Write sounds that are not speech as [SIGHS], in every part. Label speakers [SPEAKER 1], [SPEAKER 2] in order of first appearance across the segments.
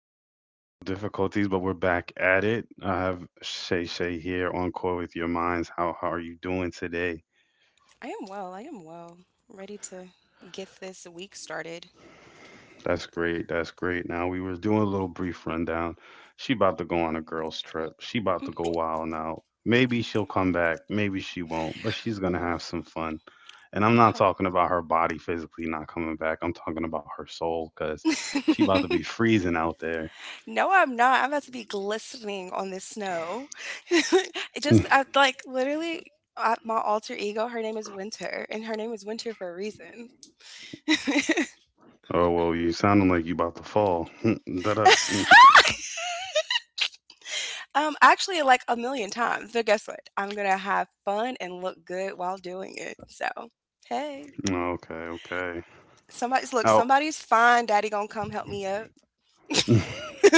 [SPEAKER 1] We have some technical difficulties, but we're back at it. I have Shay Shay here on Core with Your Minds. How are you doing today?
[SPEAKER 2] I am well. I am well. Ready to get this week started.
[SPEAKER 1] That's great. That's great. Now, we were doing a little brief rundown. She about to go on a girls' trip. She about to go
[SPEAKER 2] Mhm.
[SPEAKER 1] wild now. Maybe she'll come back. Maybe she won't, but she's going to have some fun. And I'm not
[SPEAKER 2] Hi.
[SPEAKER 1] talking about her body physically not coming back. I'm talking about her soul because
[SPEAKER 2] [LAUGHS]
[SPEAKER 1] she about to be freezing out there.
[SPEAKER 2] No, I'm not. I'm about to be glistening on this snow. [LAUGHS] It just,
[SPEAKER 1] [LAUGHS]
[SPEAKER 2] I like literally. I, my alter ego, her name is Winter, and her name is Winter for a reason.
[SPEAKER 1] Oh, well, you sounding like you about to fall. [LAUGHS] Da da. [LAUGHS]
[SPEAKER 2] Actually, like a million times. But guess what? I'm gonna have fun and look good while doing it. So, hey,
[SPEAKER 1] Okay, okay. Now,
[SPEAKER 2] somebody's fine. Daddy gonna come help me up.
[SPEAKER 1] [LAUGHS]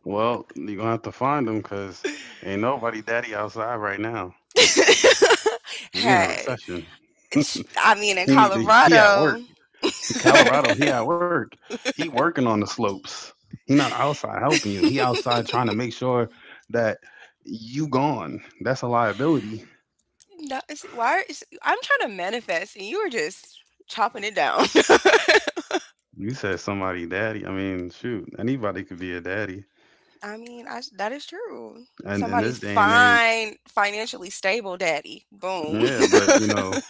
[SPEAKER 1] well, you gonna have to find them because ain't nobody daddy outside right now.
[SPEAKER 2] [LAUGHS]
[SPEAKER 1] We in a
[SPEAKER 2] Hey,
[SPEAKER 1] recession. [LAUGHS]
[SPEAKER 2] it's-
[SPEAKER 1] He
[SPEAKER 2] I mean, in
[SPEAKER 1] need to. He at work.
[SPEAKER 2] Colorado.
[SPEAKER 1] He Colorado.
[SPEAKER 2] [LAUGHS]
[SPEAKER 1] He at work. He working on the slopes. He not outside helping you. He outside trying to make sure that you gone. That's a liability.
[SPEAKER 2] No, is it, why is I'm trying to manifest, and you are just chopping it down. [LAUGHS]
[SPEAKER 1] You said somebody daddy. I mean, shoot, anybody could be a daddy.
[SPEAKER 2] I mean, that is true.
[SPEAKER 1] And in this
[SPEAKER 2] Somebody's
[SPEAKER 1] day and age.
[SPEAKER 2] fine, financially stable, daddy. Boom.
[SPEAKER 1] Yeah,
[SPEAKER 2] [LAUGHS]
[SPEAKER 1] but you know,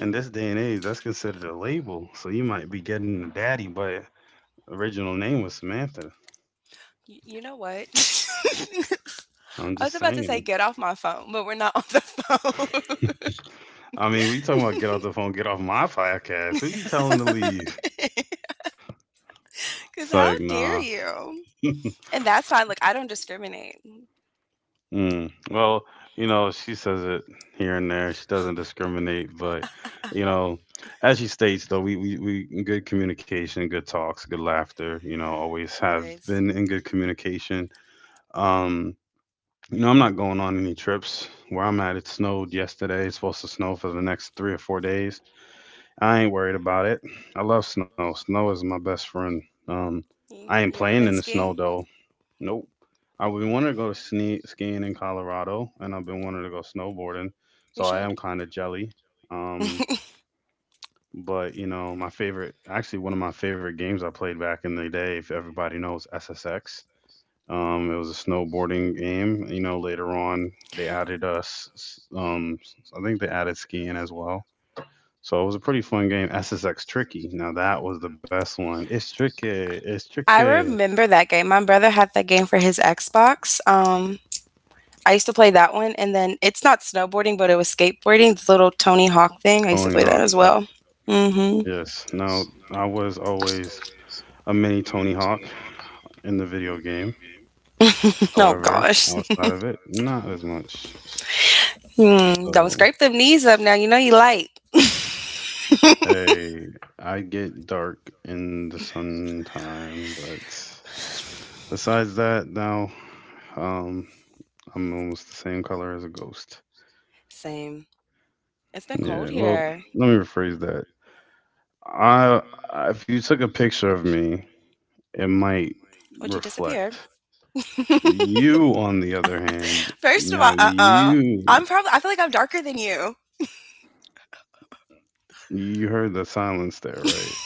[SPEAKER 1] in this day and age, that's considered a label. So you might be getting a daddy, but original name was Samantha.
[SPEAKER 2] You know what?
[SPEAKER 1] I'm
[SPEAKER 2] [LAUGHS] I was
[SPEAKER 1] just
[SPEAKER 2] about to say
[SPEAKER 1] saying.
[SPEAKER 2] get off my phone, but we're not on the phone.
[SPEAKER 1] I mean, we talking about get off the phone, get off my podcast. Who you telling to
[SPEAKER 2] [LAUGHS]
[SPEAKER 1] leave? It's
[SPEAKER 2] Because
[SPEAKER 1] like,
[SPEAKER 2] how
[SPEAKER 1] nah.
[SPEAKER 2] dare you? And that's fine. Look, I don't discriminate.
[SPEAKER 1] Mm. Well, you know, she says it here and there. She doesn't discriminate, but you know, as she states, though, we good communication, good talks, good laughter. You know, always have
[SPEAKER 2] Always.
[SPEAKER 1] been in good communication. Um, You know, I'm not going on any trips. Where I'm at, it snowed yesterday. It's supposed to snow for the next 3 or 4 days. I ain't worried about it. I love snow. Snow is my best friend. I ain't
[SPEAKER 2] You, ever
[SPEAKER 1] playing
[SPEAKER 2] been
[SPEAKER 1] in the snow
[SPEAKER 2] skiing?
[SPEAKER 1] though. Nope. I've been wanting to go to skiing in Colorado, and I've been wanting to go snowboarding.
[SPEAKER 2] You
[SPEAKER 1] So I
[SPEAKER 2] should.
[SPEAKER 1] am kind of jelly. Um, but you know, my favorite, actually one of my favorite games I played back in the day, if everybody knows SSX. It was a snowboarding game. You know, later on they added us. I think they added skiing as well. So it was a pretty fun game. SSX Tricky. Now that was the best one. It's tricky. It's
[SPEAKER 2] I
[SPEAKER 1] tricky.
[SPEAKER 2] remember that game. My brother had that game for his Xbox. I used to play that one, and then it's not snowboarding, but it was skateboarding, the little Tony Hawk thing. I used to
[SPEAKER 1] Tony
[SPEAKER 2] play that
[SPEAKER 1] Hawk.
[SPEAKER 2] as
[SPEAKER 1] Yep.
[SPEAKER 2] well. Hmm.
[SPEAKER 1] Yes. Now I was always a mini Tony Hawk in the video game.
[SPEAKER 2] [LAUGHS] Oh
[SPEAKER 1] However,
[SPEAKER 2] gosh. [LAUGHS]
[SPEAKER 1] outside of it, not as much.
[SPEAKER 2] Hmm. Don't
[SPEAKER 1] So
[SPEAKER 2] scrape them knees up now. You know you light. [LAUGHS]
[SPEAKER 1] hey, I get dark in the sun time, but besides that, now um, I'm almost the same color as a ghost.
[SPEAKER 2] Same. It's been
[SPEAKER 1] Yeah,
[SPEAKER 2] cold
[SPEAKER 1] well,
[SPEAKER 2] here.
[SPEAKER 1] let me rephrase that. I If you took a picture of me, it might
[SPEAKER 2] Would you disappear?
[SPEAKER 1] reflect. You, on the other hand,
[SPEAKER 2] First of all,
[SPEAKER 1] now
[SPEAKER 2] I
[SPEAKER 1] you
[SPEAKER 2] am probably, I feel like I'm darker than you.
[SPEAKER 1] you heard the silence there, right?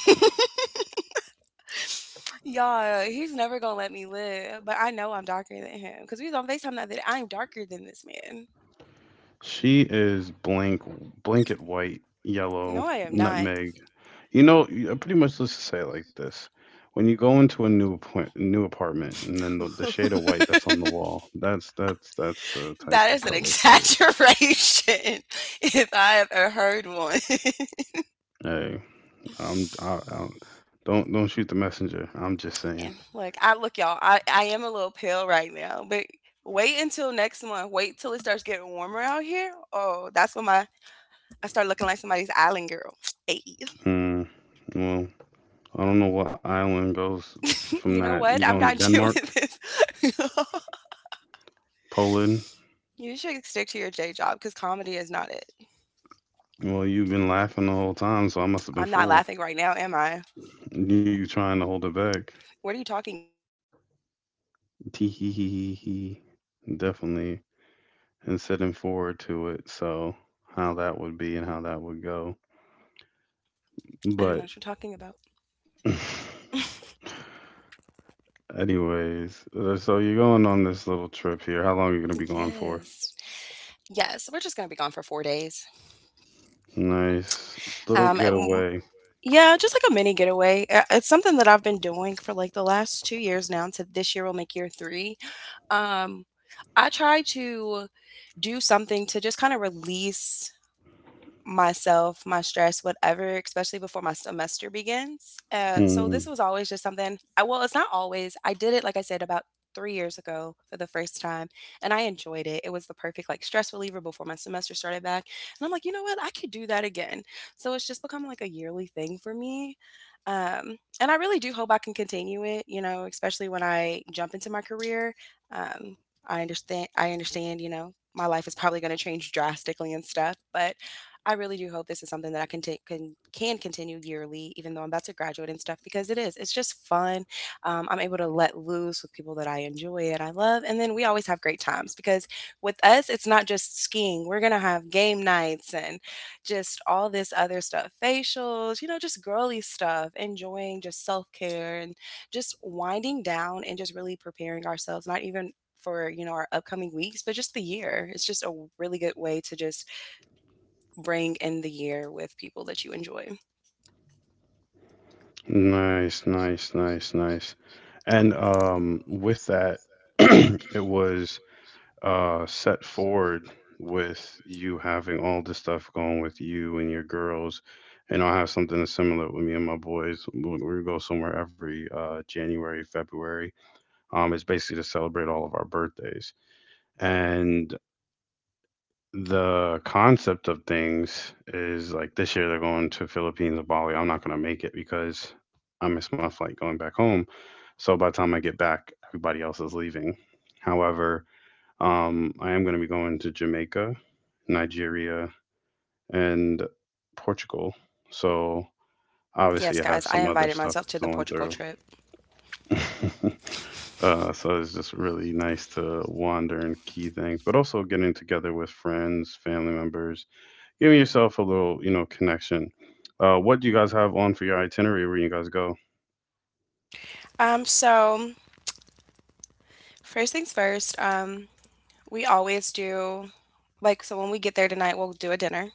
[SPEAKER 2] [LAUGHS] Y'all, he's never gonna let me live, but I know I'm darker than him because we was on FaceTime the other day. I'm darker than this man.
[SPEAKER 1] She is blank, blanket white, yellow,
[SPEAKER 2] No, I am not.
[SPEAKER 1] nutmeg. You know, pretty much let's just say it like this. When you go into a new apartment, and then the shade of white that's on the
[SPEAKER 2] [LAUGHS]
[SPEAKER 1] wall, that's the type
[SPEAKER 2] That
[SPEAKER 1] of
[SPEAKER 2] is an
[SPEAKER 1] color she is.
[SPEAKER 2] exaggeration [LAUGHS] if I have ever heard one. [LAUGHS]
[SPEAKER 1] Hey, I'm I, I, don't shoot the messenger. I'm just saying.
[SPEAKER 2] And, like, I look, y'all, I am a little pale right now, but wait until next month. Wait till it starts getting warmer out here. Oh, that's when my I start looking like somebody's island girl. [TSK] Hey.
[SPEAKER 1] Hmm. Well, I don't know what island goes from
[SPEAKER 2] You
[SPEAKER 1] that.
[SPEAKER 2] know
[SPEAKER 1] You
[SPEAKER 2] what?
[SPEAKER 1] going
[SPEAKER 2] I'm
[SPEAKER 1] to
[SPEAKER 2] not doing
[SPEAKER 1] Denmark,
[SPEAKER 2] this. [LAUGHS]
[SPEAKER 1] Poland?
[SPEAKER 2] You should stick to your J job because comedy is not it.
[SPEAKER 1] Well, you've been laughing the whole time, so I must have been
[SPEAKER 2] I'm not
[SPEAKER 1] fooled.
[SPEAKER 2] laughing right now, am I?
[SPEAKER 1] [LAUGHS] You trying to hold it back.
[SPEAKER 2] What are you talking about?
[SPEAKER 1] Tee hee hee hee hee. Definitely. And sitting forward to it. So, how that would be and how that would go.
[SPEAKER 2] I don't know
[SPEAKER 1] But,
[SPEAKER 2] what you're talking about.
[SPEAKER 1] [LAUGHS] anyways, so you're going on this little trip here. How long are you going to be gone for?
[SPEAKER 2] Yes. Yes. We're just going to be gone for 4 days.
[SPEAKER 1] Nice. Little
[SPEAKER 2] Um, w-
[SPEAKER 1] getaway.
[SPEAKER 2] yeah, just like a mini getaway. It's something that I've been doing for like the last 2 years now. To this year will make year three. Um, I try to do something to just kind of release myself, my stress, whatever, especially before my semester begins.
[SPEAKER 1] Hmm.
[SPEAKER 2] So this was always just something I, well, it's not always. I did it, like I said, about 3 years ago for the first time, and I enjoyed it. It was the perfect, like, stress reliever before my semester started back. And I'm like, you know what? I could do that again. So it's just become like a yearly thing for me. And I really do hope I can continue it, you know, especially when I jump into my career. Um, I understand, you know, my life is probably going to change drastically and stuff, but I really do hope this is something that I can take can continue yearly, even though I'm about to graduate and stuff, because it is. It's just fun. I'm able to let loose with people that I enjoy and I love, and then we always have great times because with us, it's not just skiing. We're gonna have game nights and just all this other stuff, facials, you know, just girly stuff, enjoying just self care and just winding down and just really preparing ourselves. Not even for, you know, our upcoming weeks, but just the year. It's just a really good way to just bring in the year with people that you enjoy.
[SPEAKER 1] Nice, nice, nice, nice. And with that, [CLEARS THROAT] it was set forward with you having all this stuff going with you and your girls, and I'll have something that's similar with me and my boys. We go somewhere every January, February. It's basically to celebrate all of our birthdays, and the concept of things is like, this year they're going to Philippines and Bali. I'm not going to make it because I missed my flight going back home, so by the time I get back, everybody else is leaving. However, I am going to be going to Jamaica, Nigeria, and Portugal. So
[SPEAKER 2] Yes,
[SPEAKER 1] obviously, I have
[SPEAKER 2] guys, I
[SPEAKER 1] some other
[SPEAKER 2] invited
[SPEAKER 1] stuff
[SPEAKER 2] myself to the
[SPEAKER 1] going through.
[SPEAKER 2] Portugal trip.
[SPEAKER 1] [LAUGHS] So it's just really nice to wander and key things, but also getting together with friends, family members, giving yourself a little, you know, connection. What do you guys have on for your itinerary? Where you guys go?
[SPEAKER 2] So first things first, we always do like so when we get there tonight, we'll do a dinner.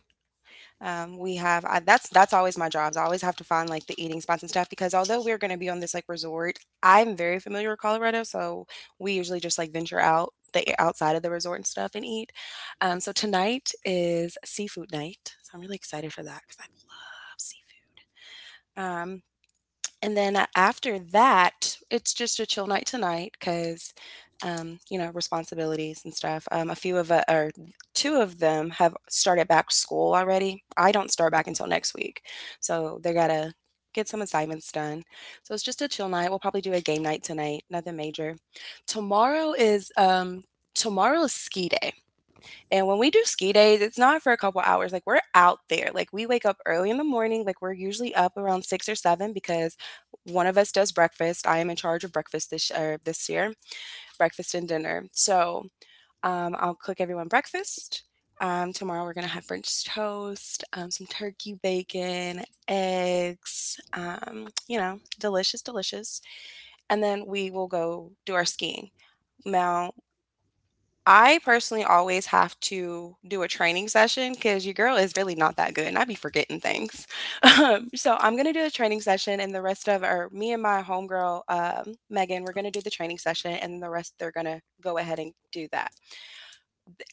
[SPEAKER 2] That's always my jobs. I always have to find like the eating spots and stuff because although we're going to be on this like resort, I'm very familiar with Colorado, so we usually just like venture out the outside of the resort and stuff and eat. So tonight is seafood night, so I'm really excited for that because I love seafood. And then a after that, it's just a chill night tonight 'cause, you know, responsibilities and stuff. A few of u or 2 of them have started back school already. I don't start back until next week, so they gotta get some assignments done. So it's just a chill night. We'll probably do a game night tonight, nothing major. Tomorrow is, um Tomorrow is ski day. And when we do ski days, it's not for a couple hours. Like we're out there. Like we wake up early in the morning. Like we're usually up around 6 or 7 because one of us does breakfast. I am in charge of breakfast this year, breakfast and dinner. So I'll cook everyone breakfast. Tomorrow we're gonna have French toast, some turkey bacon, eggs. You know, delicious, delicious. And then we will go do our skiing. Now I personally always have to do a training session because your girl is really not that good, and I be forgetting things. [LAUGHS] So I'm gonna do a training session, and the rest of or me and my homegirl, Megan, we're gonna do the training session, and the rest they're gonna go ahead and do that.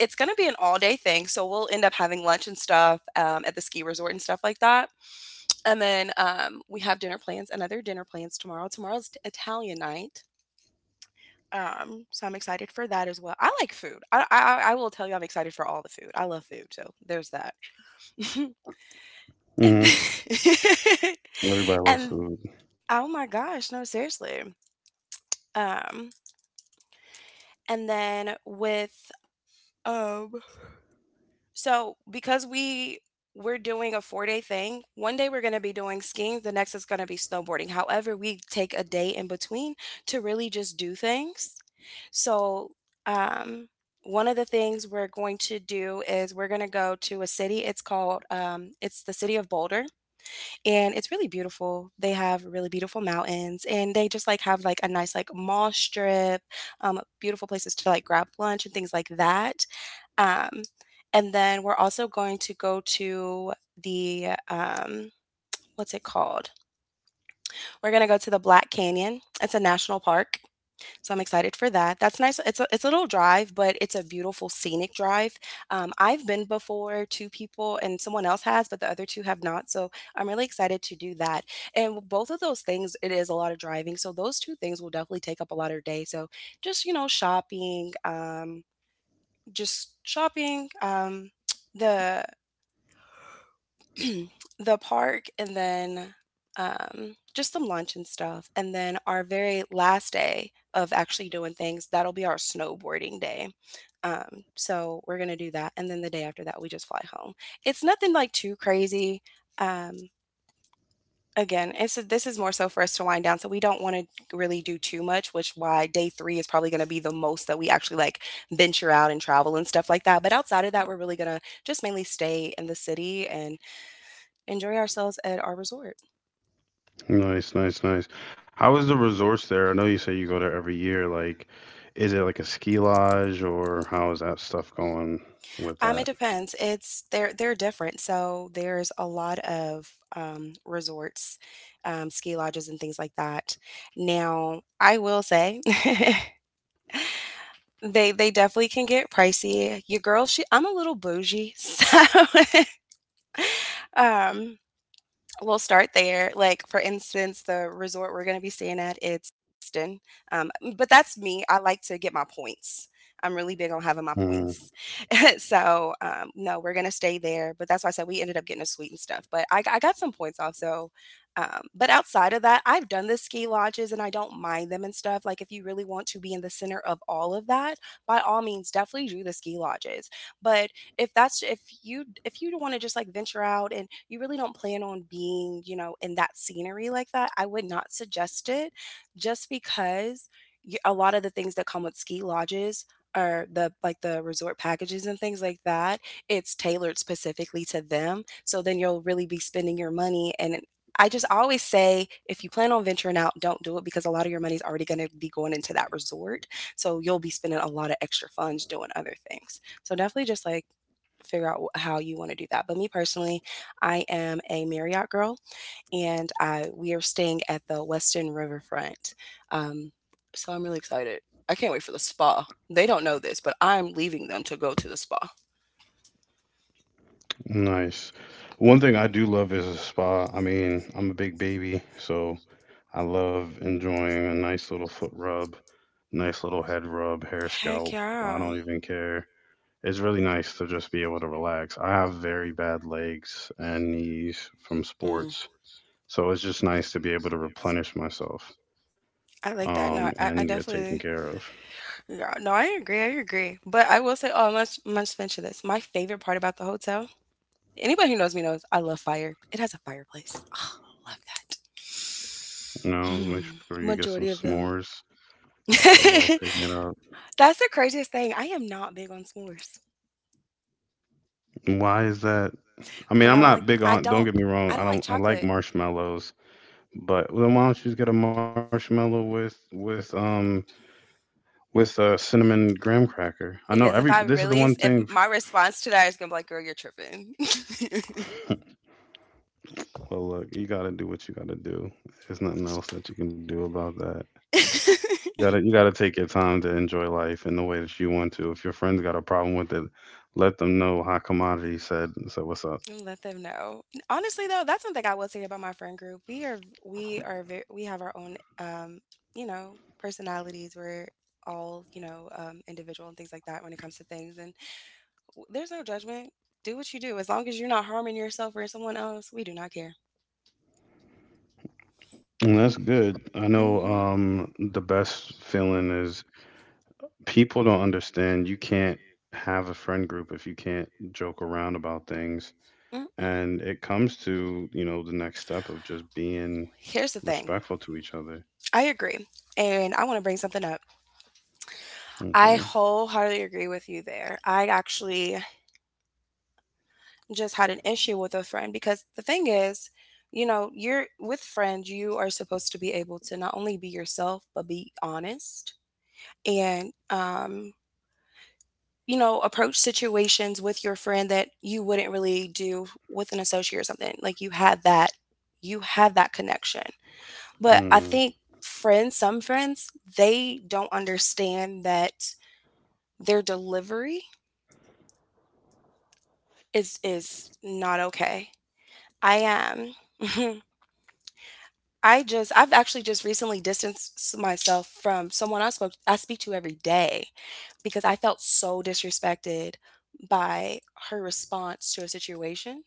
[SPEAKER 2] It's gonna be an all-day thing, so we'll end up having lunch and stuff, at the ski resort and stuff like that, and then, we have another dinner plans tomorrow. Tomorrow's Italian night. So I'm excited for that as well. I like food. I will tell you I'm excited for all the food. I love food, so there's that. [LAUGHS] And
[SPEAKER 1] Hmm.
[SPEAKER 2] then [LAUGHS]
[SPEAKER 1] Everybody loves
[SPEAKER 2] and
[SPEAKER 1] food.
[SPEAKER 2] oh my gosh, no, seriously. Um, and then with um So, because we're doing a 4-day thing, one day we're going to be doing skiing, the next is going to be snowboarding. However, we take a day in between to really just do things. So, um, one of the things we're going to do is we're going to go to a city. It's called, it's the city of Boulder, and it's really beautiful. They have really beautiful mountains, and they just like have like a nice like mall strip, beautiful places to like grab lunch and things like that. Um, and then we're also going to go to the what's it called? We're going to go to the Black Canyon. It's a national park, so I'm excited for that. That's nice. It's a little drive, but it's a beautiful scenic drive. I've been before, two people, and someone else has, but the other two have not. So I'm really excited to do that. And with both of those things, it is a lot of driving. So those two things will definitely take up a lot of your day. So just, you know, shopping, just shopping. The [CLEARS THROAT] the park, and then just some lunch and stuff. And then our very last day of actually doing things, that'll be our snowboarding day. So we're going to do that. And then the day after that, we just fly home. It's nothing like too crazy. Um, Again, this is more so for us to wind down. So we don't want to really do too much, which why day three is probably going to be the most that we actually like venture out and travel and stuff like that. But outside of that, we're really going to just mainly stay in the city and enjoy ourselves at our resort.
[SPEAKER 1] Nice, nice, nice. How is the resorts there? I know you say you go there every year. Like, is it like a ski lodge or how is that stuff going with
[SPEAKER 2] It
[SPEAKER 1] that?
[SPEAKER 2] depends. It's they're different. So there's a lot of resorts, ski lodges, and things like that. Now, I will say [LAUGHS] they definitely can get pricey. Your girl, she I'm a little bougie, [LAUGHS] so [LAUGHS] um, we'll start there. Like, for instance, the resort we're going to be staying at, it's Houston. But that's me. I like to get my points. I'm really big on having my
[SPEAKER 1] Mm,
[SPEAKER 2] points. [LAUGHS] So, no, we're going to stay there. But that's why I said we ended up getting a suite and stuff. But I got some points off. So, but outside of that, I've done the ski lodges, and I don't mind them and stuff. Like, if you really want to be in the center of all of that, by all means, definitely do the ski lodges. But if you don't want to just like venture out and you really don't plan on being in that scenery like that, I would not suggest it. Just because a lot of the things that come with ski lodges or the resort packages and things like that, it's tailored specifically to them, so then you'll really be spending your money. And I just always say, if you plan on venturing out, don't do it, because a lot of your money is already going to be going into that resort. So you'll be spending a lot of extra funds doing other things. So definitely just like figure out how you want to do that. But me personally, I am a Marriott girl, and I we are staying at the Westin Riverfront. Um, so I'm really excited. I can't wait for the spa. They don't know this, but I'm leaving them to go to the spa.
[SPEAKER 1] nice. One thing I do love is a spa. I mean, I'm a big baby, so I love enjoying a nice little foot rub, nice little head rub, hair
[SPEAKER 2] Heck
[SPEAKER 1] scalp. I
[SPEAKER 2] yeah.
[SPEAKER 1] don't even care. It's really nice to just be able to relax. I have very bad legs and knees from
[SPEAKER 2] Mm.
[SPEAKER 1] sports, so it's just nice to be able to replenish myself
[SPEAKER 2] I like that. No, I,
[SPEAKER 1] and
[SPEAKER 2] I
[SPEAKER 1] get taken
[SPEAKER 2] definitely.
[SPEAKER 1] care of.
[SPEAKER 2] Yeah, no, I agree. I agree. But I will say, oh, I must mention this. My favorite part about the hotel. Anybody who knows me knows I love fire. It has a fireplace. Oh, I love that. [SIGHS]
[SPEAKER 1] You know, make
[SPEAKER 2] Hmm.
[SPEAKER 1] sure you get some
[SPEAKER 2] Majority of them.
[SPEAKER 1] s'mores,
[SPEAKER 2] [LAUGHS]
[SPEAKER 1] get those all
[SPEAKER 2] That's
[SPEAKER 1] taken out.
[SPEAKER 2] the craziest thing. I am not big on s'mores
[SPEAKER 1] Why is that? I mean,
[SPEAKER 2] because
[SPEAKER 1] I'm not big on. Don't get me wrong.
[SPEAKER 2] I
[SPEAKER 1] I
[SPEAKER 2] don't like
[SPEAKER 1] don't. I like
[SPEAKER 2] chocolate.
[SPEAKER 1] marshmallows, but then why don't you just get a marshmallow with with a cinnamon graham cracker? I know
[SPEAKER 2] Because
[SPEAKER 1] every.
[SPEAKER 2] if I
[SPEAKER 1] This is the
[SPEAKER 2] really,
[SPEAKER 1] one
[SPEAKER 2] if
[SPEAKER 1] thing.
[SPEAKER 2] my response to that is gonna be like, girl, you're tripping.
[SPEAKER 1] [LAUGHS] Well, look, you gotta do what you gotta do. There's nothing else that you can do about that. You
[SPEAKER 2] [LAUGHS]
[SPEAKER 1] gotta you gotta take your time to enjoy life in the way that you want to. If your friends got a problem with it, let them know how commodity said what's up.
[SPEAKER 2] let's And let them know. Honestly, though, that's something I will say about my friend group. We are very, we have our own personalities. We're all individual and things like that when it comes to things. And there's no judgment. Do what you do, as long as you're not harming yourself or someone else. We do not care.
[SPEAKER 1] And that's good. I know
[SPEAKER 2] Hmm.
[SPEAKER 1] the best feeling is people don't understand you can't have a friend group if you can't joke around about things.
[SPEAKER 2] Mm-mm.
[SPEAKER 1] And it comes to, you know, the next step of just being
[SPEAKER 2] Here's the thing.
[SPEAKER 1] respectful to each other.
[SPEAKER 2] I agree. And I want to bring something up. I
[SPEAKER 1] Okay.
[SPEAKER 2] wholeheartedly agree with you there. I actually just had an issue with a friend, because the thing is, you know, you're with friends, you are supposed to be able to not only be yourself, but be honest and, you know, approach situations with your friend that you wouldn't really do with an associate or something. Like, you had that connection. But I
[SPEAKER 1] Mm.
[SPEAKER 2] think friends, some friends, they don't understand that their delivery is not okay. I am. [LAUGHS] I've actually just recently distanced myself from someone I speak to every day because I felt so disrespected by her response to a situation.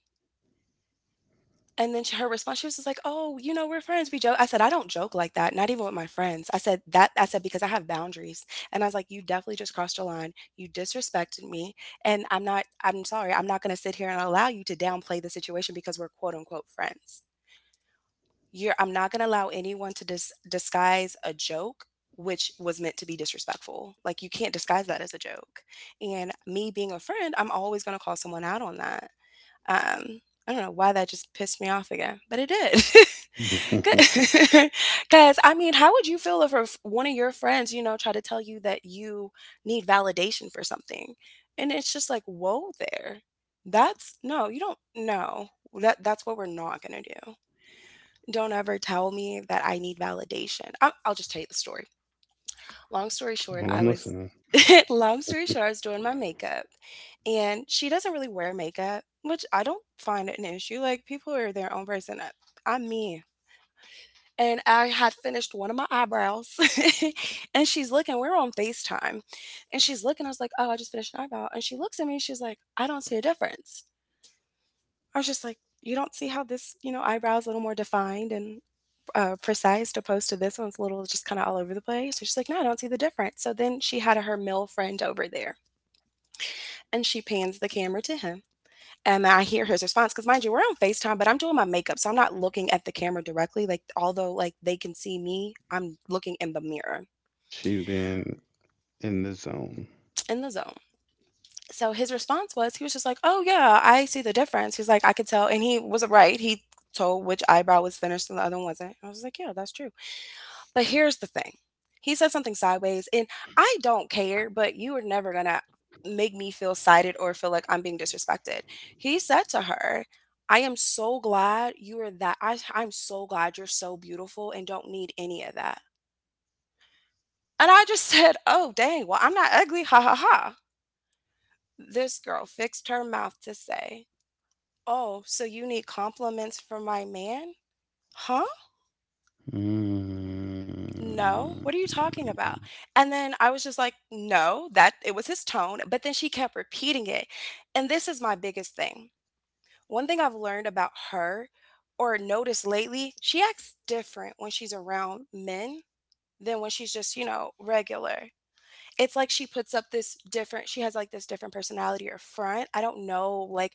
[SPEAKER 2] And then her response, she was just like, "Oh, you know, we're friends. We joke." I said, "I don't joke like that. Not even with my friends." I said that. I said, because I have boundaries, and I was like, "You definitely just crossed a line. You disrespected me, and I'm not. I'm sorry. I'm not going to sit here and allow you to downplay the situation because we're quote unquote friends." you're I'm not going to allow anyone to disguise a joke which was meant to be disrespectful. Like, you can't disguise that as a joke. And me being a friend, I'm always going to call someone out on that. Um I don't know why that just pissed me off again, but it did.
[SPEAKER 1] [LAUGHS] Well,
[SPEAKER 2] Because, [LAUGHS] I mean, how would you feel if one of your friends, you know, try to tell you that you need validation for something? And it's just like, whoa, there. That's no, you don't No, that's what we're not going to do. Don't ever tell me that I need validation. I'll just tell you the story. Long story short,
[SPEAKER 1] I'm
[SPEAKER 2] I was,
[SPEAKER 1] listening.
[SPEAKER 2] [LAUGHS] long story short, I was doing my makeup, and she doesn't really wear makeup, which I don't find an issue. Like, people are their own person. I'm me. And I had finished one of my eyebrows, [LAUGHS] and she's looking, we're on FaceTime, and she's looking. I was like, oh, I just finished an eyebrow. And she looks at me and she's like, I don't see a difference. I was just like, you don't see how this, you know, eyebrow is a little more defined and precise opposed to this one's a little just kind of all over the place. So she's like, no, I don't see the difference. So then she had her male friend over there, and she pans the camera to him. And I hear his response because, mind you, we're on FaceTime, but I'm doing my makeup. So I'm not looking at the camera directly. Like, although like they can see me, I'm looking in the mirror,
[SPEAKER 1] She's being in the zone.
[SPEAKER 2] in the zone. So his response was, he was just like, oh, yeah, I see the difference. He's like, I could tell. And he was right. He told which eyebrow was finished and the other one wasn't. I was like, yeah, that's true. But here's the thing. He said something sideways, and I don't care, but you are never going to make me feel slighted or feel like I'm being disrespected. He said to her, I am so glad you are that. I'm so glad you're so beautiful and don't need any of that. And I just [LAUGHS] said, oh, dang, well, I'm not ugly. Ha ha ha. This girl fixed her mouth to say, oh, so you need compliments from my man? Huh?
[SPEAKER 1] Mm.
[SPEAKER 2] No, what are you talking about? And then I was just like, no, that it was his tone. But then she kept repeating it. And this is my biggest thing. One thing I've learned about her or noticed lately, she acts different when she's around men than when she's just, you know, regular. It's like she puts up this different, she has like this different personality or front. I don't know, like,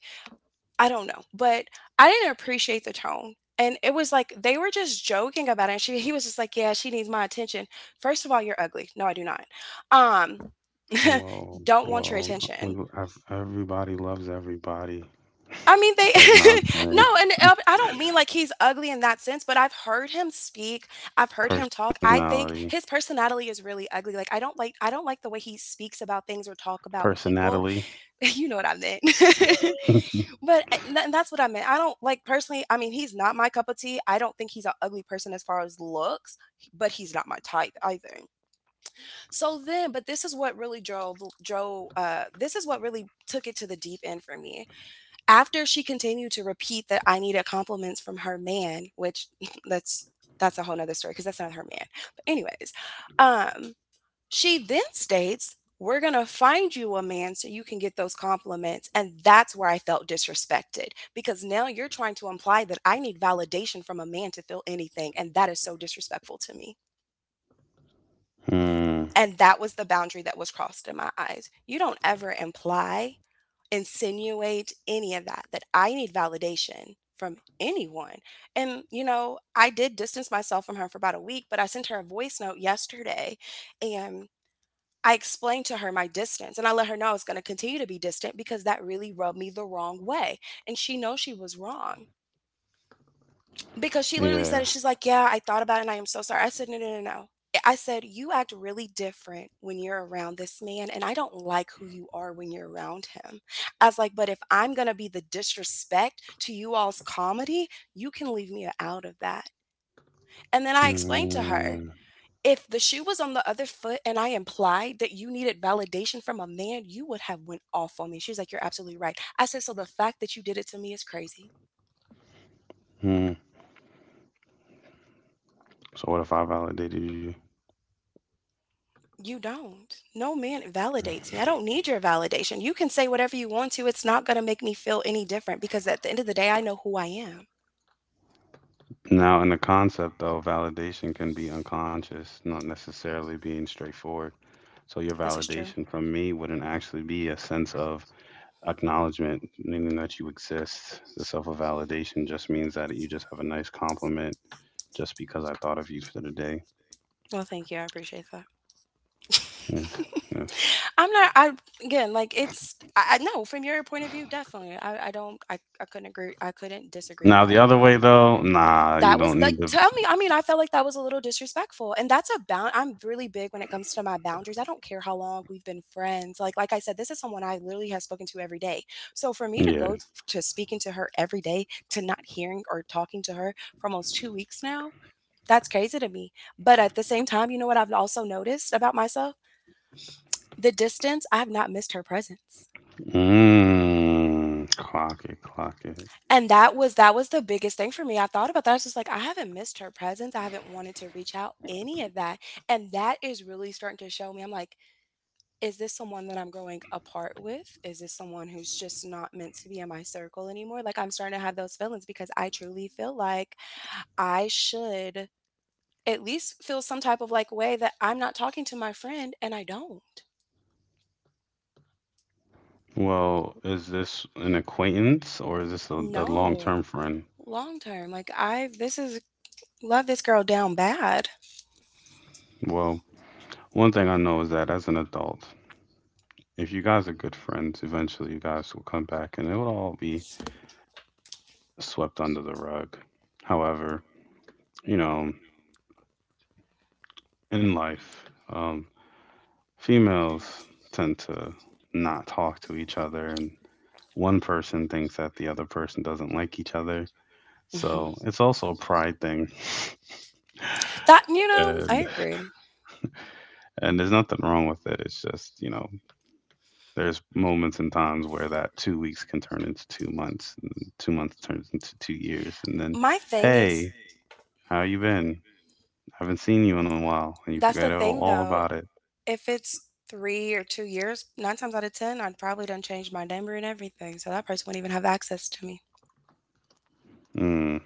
[SPEAKER 2] I don't know, but I didn't appreciate the tone. And it was like they were just joking about it. And she he was just like, yeah, she needs my attention. First of all, you're ugly. No, I do not. Um [LAUGHS]
[SPEAKER 1] Well,
[SPEAKER 2] don't want your
[SPEAKER 1] well, we
[SPEAKER 2] attention.
[SPEAKER 1] everybody loves everybody. [LAUGHS]
[SPEAKER 2] I mean, they
[SPEAKER 1] It's like not
[SPEAKER 2] [LAUGHS] no,
[SPEAKER 1] playing
[SPEAKER 2] and I don't mean like he's ugly in that sense, but I've heard him speak. I've heard him talk. I
[SPEAKER 1] personality,
[SPEAKER 2] think his personality is really ugly. Like, I don't like the way he speaks about things or talk about people. [LAUGHS]
[SPEAKER 1] personality.
[SPEAKER 2] You know what I meant. [LAUGHS]
[SPEAKER 1] [LAUGHS]
[SPEAKER 2] But eh, and tha that's what I meant. I don't like, personally, I mean, he's not my cup of tea. I don't think he's an ugly person as far as looks, but he's not my type either. So then, but this is what really this is what really took it to the deep end for me. After she continued to repeat that I needed compliments from her man, which [LAUGHS] that's that's a whole nother story because that's not her man. But anyways, um she then states, we're going to find you a man so you can get those compliments. And that's where I felt disrespected, because now you're trying to imply that I need validation from a man to feel anything. And that is so disrespectful to me.
[SPEAKER 1] Mm.
[SPEAKER 2] And that was the boundary that was crossed in my eyes. You don't ever imply, insinuate any of that, that I need validation from anyone. And, you know, I did distance myself from her for about a week, but I sent her a voice note yesterday. And I explained to her my distance and I let her know I was going to continue to be distant because that really rubbed me the wrong way. And she knows she was wrong, because she literally
[SPEAKER 1] Yeah.
[SPEAKER 2] said it. She's like, yeah, I thought about it and I am so sorry. I said, no, no, no, no. I said, you act really different when you're around this man and I don't like who you are when you're around him. I was like, but if I'm going to be the disrespect to you all's comedy, you can leave me out of that. And then I explained to her,
[SPEAKER 1] Mm.
[SPEAKER 2] if the shoe was on the other foot and I implied that you needed validation from a man, you would have went off on me. She was like, "You're absolutely right." I said, "So the fact that you did it to me is crazy.
[SPEAKER 1] Mm. So what if I validated you?
[SPEAKER 2] You don't. No man validates me. I don't need your validation. You can say whatever you want to. It's not going to make me feel any different because at the end of the day, I know who I am."
[SPEAKER 1] Now, in the concept though, validation can be unconscious, not necessarily being straightforward. So your
[SPEAKER 2] This is true.
[SPEAKER 1] validation from me wouldn't actually be a sense of acknowledgement, meaning that you exist. The self validation just means that you just have a nice compliment just because I thought of you for the day.
[SPEAKER 2] Well, thank you. I appreciate that.
[SPEAKER 1] Yes, yes.
[SPEAKER 2] I'm not. I again, like it's. I no, from your point of view, definitely. I don't. I couldn't agree. I couldn't disagree with
[SPEAKER 1] Now,
[SPEAKER 2] that
[SPEAKER 1] the
[SPEAKER 2] at
[SPEAKER 1] other
[SPEAKER 2] all.
[SPEAKER 1] way, though, nah, you
[SPEAKER 2] That was
[SPEAKER 1] don't
[SPEAKER 2] like
[SPEAKER 1] need to.
[SPEAKER 2] tell me. I mean, I felt like that was a little disrespectful, and that's a bound. I'm really big when it comes to my boundaries. I don't care how long we've been friends. Like I said, this is someone I literally have spoken to every day. So for me to
[SPEAKER 1] Yeah.
[SPEAKER 2] go to speaking to her every day to not hearing or talking to her for almost 2 weeks now, that's crazy to me. But at the same time, you know what I've also noticed about myself? The distance, I have not missed her presence.
[SPEAKER 1] Mm, clock it, clock it.
[SPEAKER 2] And that was the biggest thing for me. I thought about that. I was just like, I haven't missed her presence. I haven't wanted to reach out any of that. And that is really starting to show me. I'm like, is this someone that I'm growing apart with? Is this someone who's just not meant to be in my circle anymore? Like I'm starting to have those feelings because I truly feel like I should at least feel some type of like way that I'm not talking to my friend and I don't.
[SPEAKER 1] Well, is this an acquaintance or is this a,
[SPEAKER 2] No,
[SPEAKER 1] a long
[SPEAKER 2] long
[SPEAKER 1] term friend?
[SPEAKER 2] term. Like, this is love this girl down bad.
[SPEAKER 1] Well, one thing I know is that as an adult, if you guys are good friends, eventually you guys will come back and it will all be swept under the rug. However, you know, in life, um, females tend to not talk to each other, and one person thinks that the other person doesn't like each other.
[SPEAKER 2] Mhm.
[SPEAKER 1] So it's also a pride thing,
[SPEAKER 2] That, you
[SPEAKER 1] [LAUGHS]
[SPEAKER 2] know, I
[SPEAKER 1] and
[SPEAKER 2] agree.
[SPEAKER 1] and there's nothing wrong with it. It's just, you know, there's moments and times where that 2 weeks can turn into 2 months, and then 2 months turns into 2 years, and then,
[SPEAKER 2] My thing is
[SPEAKER 1] hey, how you been? Haven't seen you in a while, and you
[SPEAKER 2] that's
[SPEAKER 1] forget
[SPEAKER 2] the
[SPEAKER 1] all,
[SPEAKER 2] thing
[SPEAKER 1] all
[SPEAKER 2] though.
[SPEAKER 1] about it.
[SPEAKER 2] If it's 3 or 2 years, nine times out of ten, I'd probably done change my number and everything, so that person wouldn't even have access to me.
[SPEAKER 1] Mm,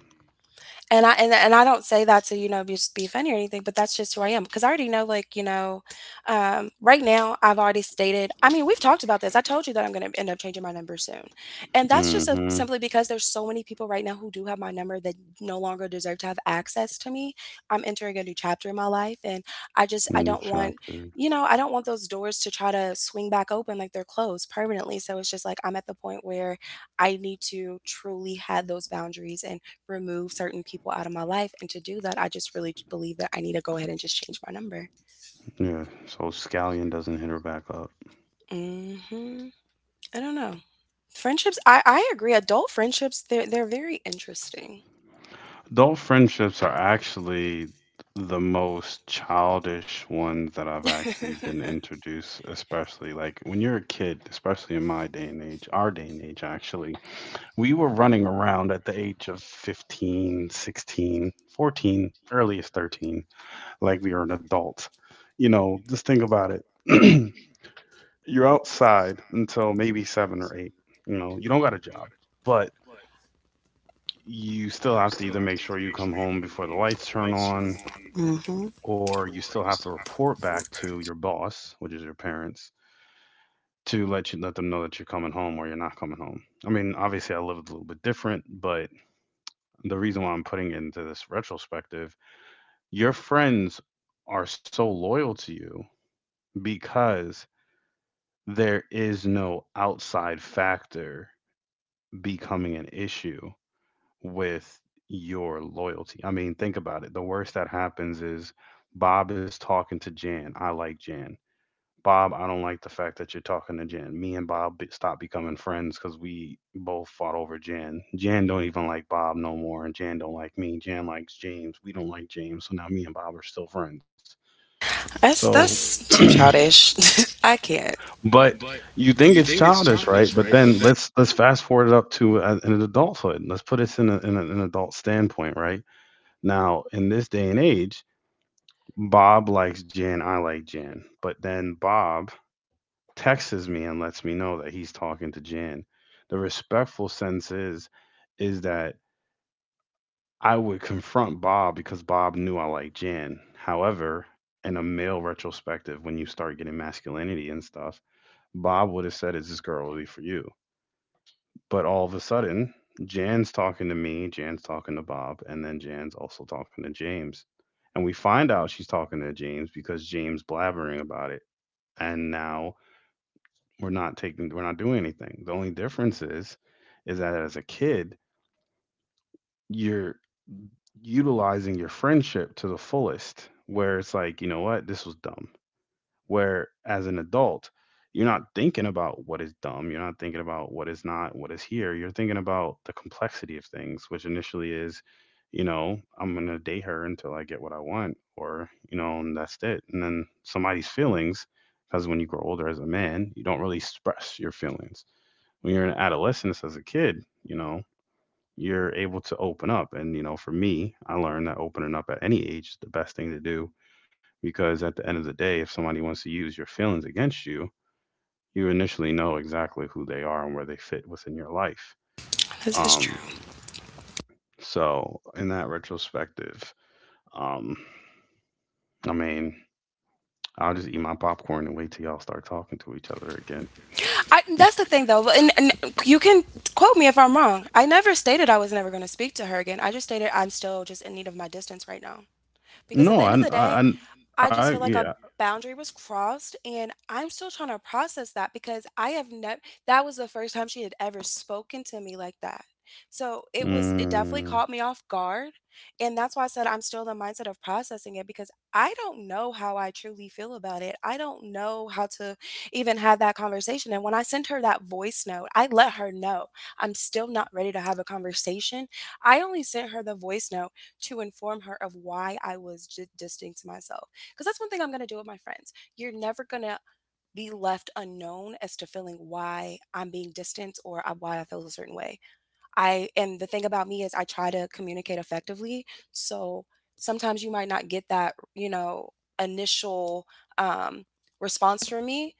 [SPEAKER 2] And I don't say that to, you know, just be funny or anything, but that's just who I am. Because I already know, like, you know, right now I've already stated, I mean, we've talked about this. I told you that I'm gonna end up changing my number soon. And that's just a,
[SPEAKER 1] mm-hmm.
[SPEAKER 2] simply because there's so many people right now who do have my number that no longer deserve to have access to me. I'm entering a new chapter in my life and I just
[SPEAKER 1] New
[SPEAKER 2] I don't want,
[SPEAKER 1] chapter.
[SPEAKER 2] you know, I don't want those doors to try to swing back open like they're closed permanently. So it's just like I'm at the point where I need to truly have those boundaries and remove certain people out of my life. And to do that, I just really believe that I need to go ahead and just change my number.
[SPEAKER 1] Yeah, so Scallion doesn't hit her back up.
[SPEAKER 2] Hmm. I don't know. Friendships, I agree. Adult friendships, they're very interesting. [LAUGHS]
[SPEAKER 1] Adult friendships are actually the most childish ones that I've actually been introduced, especially like when you're a kid, especially in my day and age, our day and age actually. We were running around at the age of 15, 16, 14, earliest 13, like we were an adult. You know, just think about it. [CLEARS THROAT] You're outside until maybe seven or eight. You know, you don't got a job, but you still have to either make sure you come home before the lights turn on
[SPEAKER 2] Mhm.
[SPEAKER 1] or you still have to report back to your boss, which is your parents, to let them know that you're coming home or you're not coming home. I mean, obviously I lived a little bit different, but the reason why I'm putting it into this retrospective, your friends are so loyal to you because there is no outside factor becoming an issue with your loyalty. I mean, think about it. The worst that happens is Bob is talking to Jan. I like Jan. Bob, I don't like the fact that you're talking to Jan. Me and Bob stopped becoming friends because we both fought over Jan. Jan don't even like Bob no more, and Jan don't like me. Jan likes James. We don't like James, so now me and Bob are still friends.
[SPEAKER 2] That's
[SPEAKER 1] So,
[SPEAKER 2] too childish. [LAUGHS] I can't.
[SPEAKER 1] [CLEARS THROAT] but you think it's childish, right? But then let's fast forward up to an adulthood. Let's put this in, a, in an adult standpoint, right? Now, in this day and age, Bob likes Jan, I like Jan. But then Bob texts me and lets me know that he's talking to Jan. The respectful sense is that I would confront Bob because Bob knew I liked Jan. However, in a male retrospective, when you start getting masculinity and stuff, Bob would have said, is this girl really for you? But all of a sudden, Jan's talking to me, Jan's talking to Bob, and then Jan's also talking to James. And we find out she's talking to James because James blabbering about it. And now we're not doing anything. The only difference is that as a kid, you're utilizing your friendship to the fullest where it's like, you know what, this was dumb. Where as an adult, you're not thinking about what is dumb, you're not thinking about what is not, what is here, you're thinking about the complexity of things, which initially is, you know, I'm going to date her until I get what I want, or you know, and that's it. And then somebody's feelings, because when you grow older as a man, you don't really express your feelings. When you're in adolescence as a kid, you know, you're able to open up. And you know, for me, I learned that opening up at any age is the best thing to do, because at the end of the day, if somebody wants to use your feelings against you, you initially know exactly who they are and where they fit within your life.
[SPEAKER 2] This is true.
[SPEAKER 1] Um, so in that retrospective, um, I mean, I'll just eat my popcorn and wait till y'all start talking to each other again.
[SPEAKER 2] I that's the thing though, and you can quote me if I'm wrong. I never stated I was never going to speak to her again. I just stated I'm still just in need of my distance right now. Because at
[SPEAKER 1] No,
[SPEAKER 2] the end of the day, I
[SPEAKER 1] I
[SPEAKER 2] just feel like
[SPEAKER 1] yeah.
[SPEAKER 2] a boundary was crossed and I'm still trying to process that because I have never that was the first time she had ever spoken to me like that. So it was it definitely
[SPEAKER 1] Mm,
[SPEAKER 2] caught me off guard and that's why I said I'm still in the mindset of processing it because I don't know how I truly feel about it. I don't know how to even have that conversation and when I sent her that voice note, I let her know I'm still not ready to have a conversation. I only sent her the voice note to inform her of why I was distancing myself because that's one thing I'm going to do with my friends. You're never going to be left unknown as to feeling why I'm being distant or why I feel a certain way. I and the thing about me is I try to communicate effectively. So sometimes you might not get that, you know, initial um, response from me,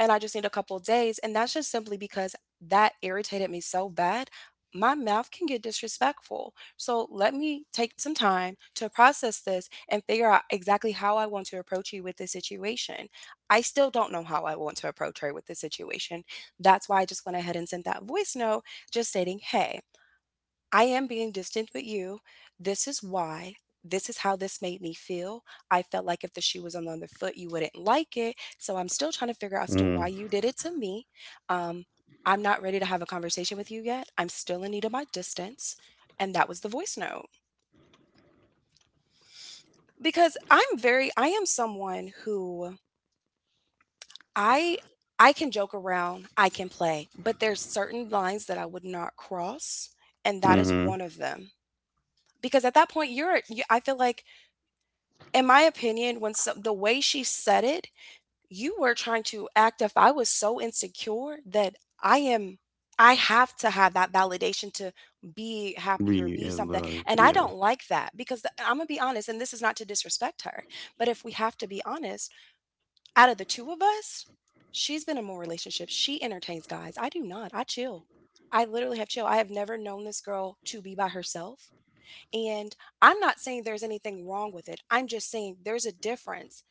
[SPEAKER 2] and I just need a couple days. And that's just simply because that irritated me so bad. My mouth can get disrespectful. So let me take some time to process this and figure out exactly how I want to approach you with this situation. I still don't know how I want to approach her with this situation. That's why I just went ahead and sent that voice note just stating, hey, I am being distant with you. This is why. This is how this made me feel. I felt like if the shoe was on the other foot, you wouldn't like it. So I'm still trying to figure out as to
[SPEAKER 1] mm,
[SPEAKER 2] why you did it to me. Um, I'm not ready to have a conversation with you yet. I'm still in need of my distance. And that was the voice note. Because I'm very, I am someone who I I can joke around, I can play, but there's certain lines that I would not cross, and that is
[SPEAKER 1] mm-hmm.
[SPEAKER 2] one of them. Because at that point, I feel like in my opinion, when some the way she said it, you were trying to act if I was so insecure that I am I have to have that validation to be happy or
[SPEAKER 1] We
[SPEAKER 2] be
[SPEAKER 1] in
[SPEAKER 2] something.
[SPEAKER 1] love,
[SPEAKER 2] And I
[SPEAKER 1] yeah,
[SPEAKER 2] don't like that because I'm going to be honest, and this is not to disrespect her, but if we have to be honest, out of the two of us, she's been in more relationships. She entertains guys. I do not. I chill. I literally have chill. I have never known this girl to be by herself. And I'm not saying there's anything wrong with it. I'm just saying there's a difference.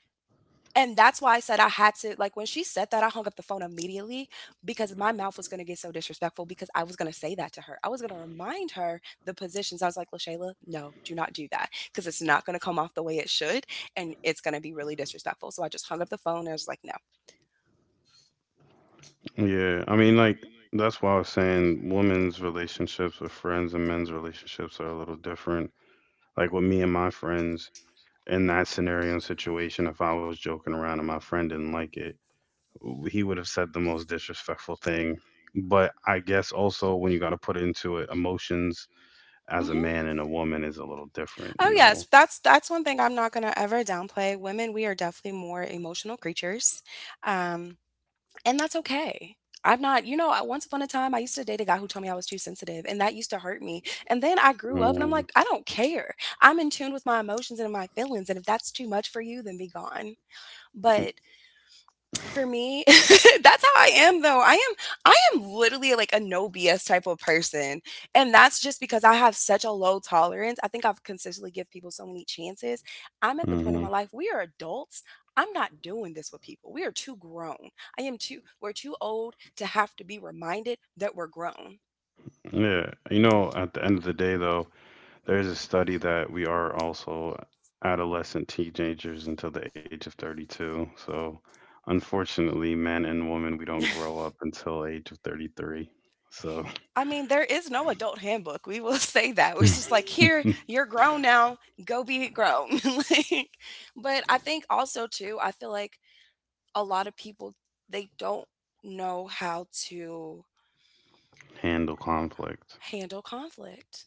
[SPEAKER 2] And that's why I said I had to, like, when she said that, I hung up the phone immediately because my mouth was going to get so disrespectful because I was going to say that to her. I was going to remind her the positions. I was like, LaShayla, no, do not do that because it's not going to come off the way it should and it's going to be really disrespectful. So I just hung up the phone and I was like, no.
[SPEAKER 1] yeah. I mean, like, that's why I was saying women's relationships with friends and men's relationships are a little different. Like with me and my friends, in that scenario and situation, if I was joking around and my friend didn't like it, he would have said the most disrespectful thing. But I guess also when you got to put into it, emotions as a
[SPEAKER 2] Hmm.
[SPEAKER 1] man and a woman is a little different,
[SPEAKER 2] Oh
[SPEAKER 1] you
[SPEAKER 2] yes,
[SPEAKER 1] know.
[SPEAKER 2] that's one thing I'm not gonna ever downplay. Women, we are definitely more emotional creatures. Um, And that's okay. I'm not, you know, I, once upon a time, I used to date a guy who told me I was too sensitive, and that used to hurt me. And then I grew up and I'm
[SPEAKER 1] Mm-hmm.
[SPEAKER 2] like, I don't care. I'm in tune with my emotions and my feelings. And if that's too much for you, then be gone. But for me, [LAUGHS] that's how I am though. I am literally like a no BS type of person. And that's just because I have such a low tolerance. I think I've consistently give people so many chances. I'm at the point in
[SPEAKER 1] Mm-hmm.
[SPEAKER 2] my life we are adults. I'm not doing this with people. We are too grown. I am too we're too old to have to be reminded that we're grown.
[SPEAKER 1] Yeah. You know, at the end of the day, though, there's a study that we are also adolescent teenagers until the age of 32. So, unfortunately, men and women, we don't grow up until age of 33. So,
[SPEAKER 2] I mean, there is no adult handbook. We will [LAUGHS] say that. It's
[SPEAKER 1] [LAUGHS]
[SPEAKER 2] just like, here, you're grown now. Go be grown. [LAUGHS] Like, but I think also too, I feel like a lot of people they don't know how to
[SPEAKER 1] handle conflict.
[SPEAKER 2] handle conflict.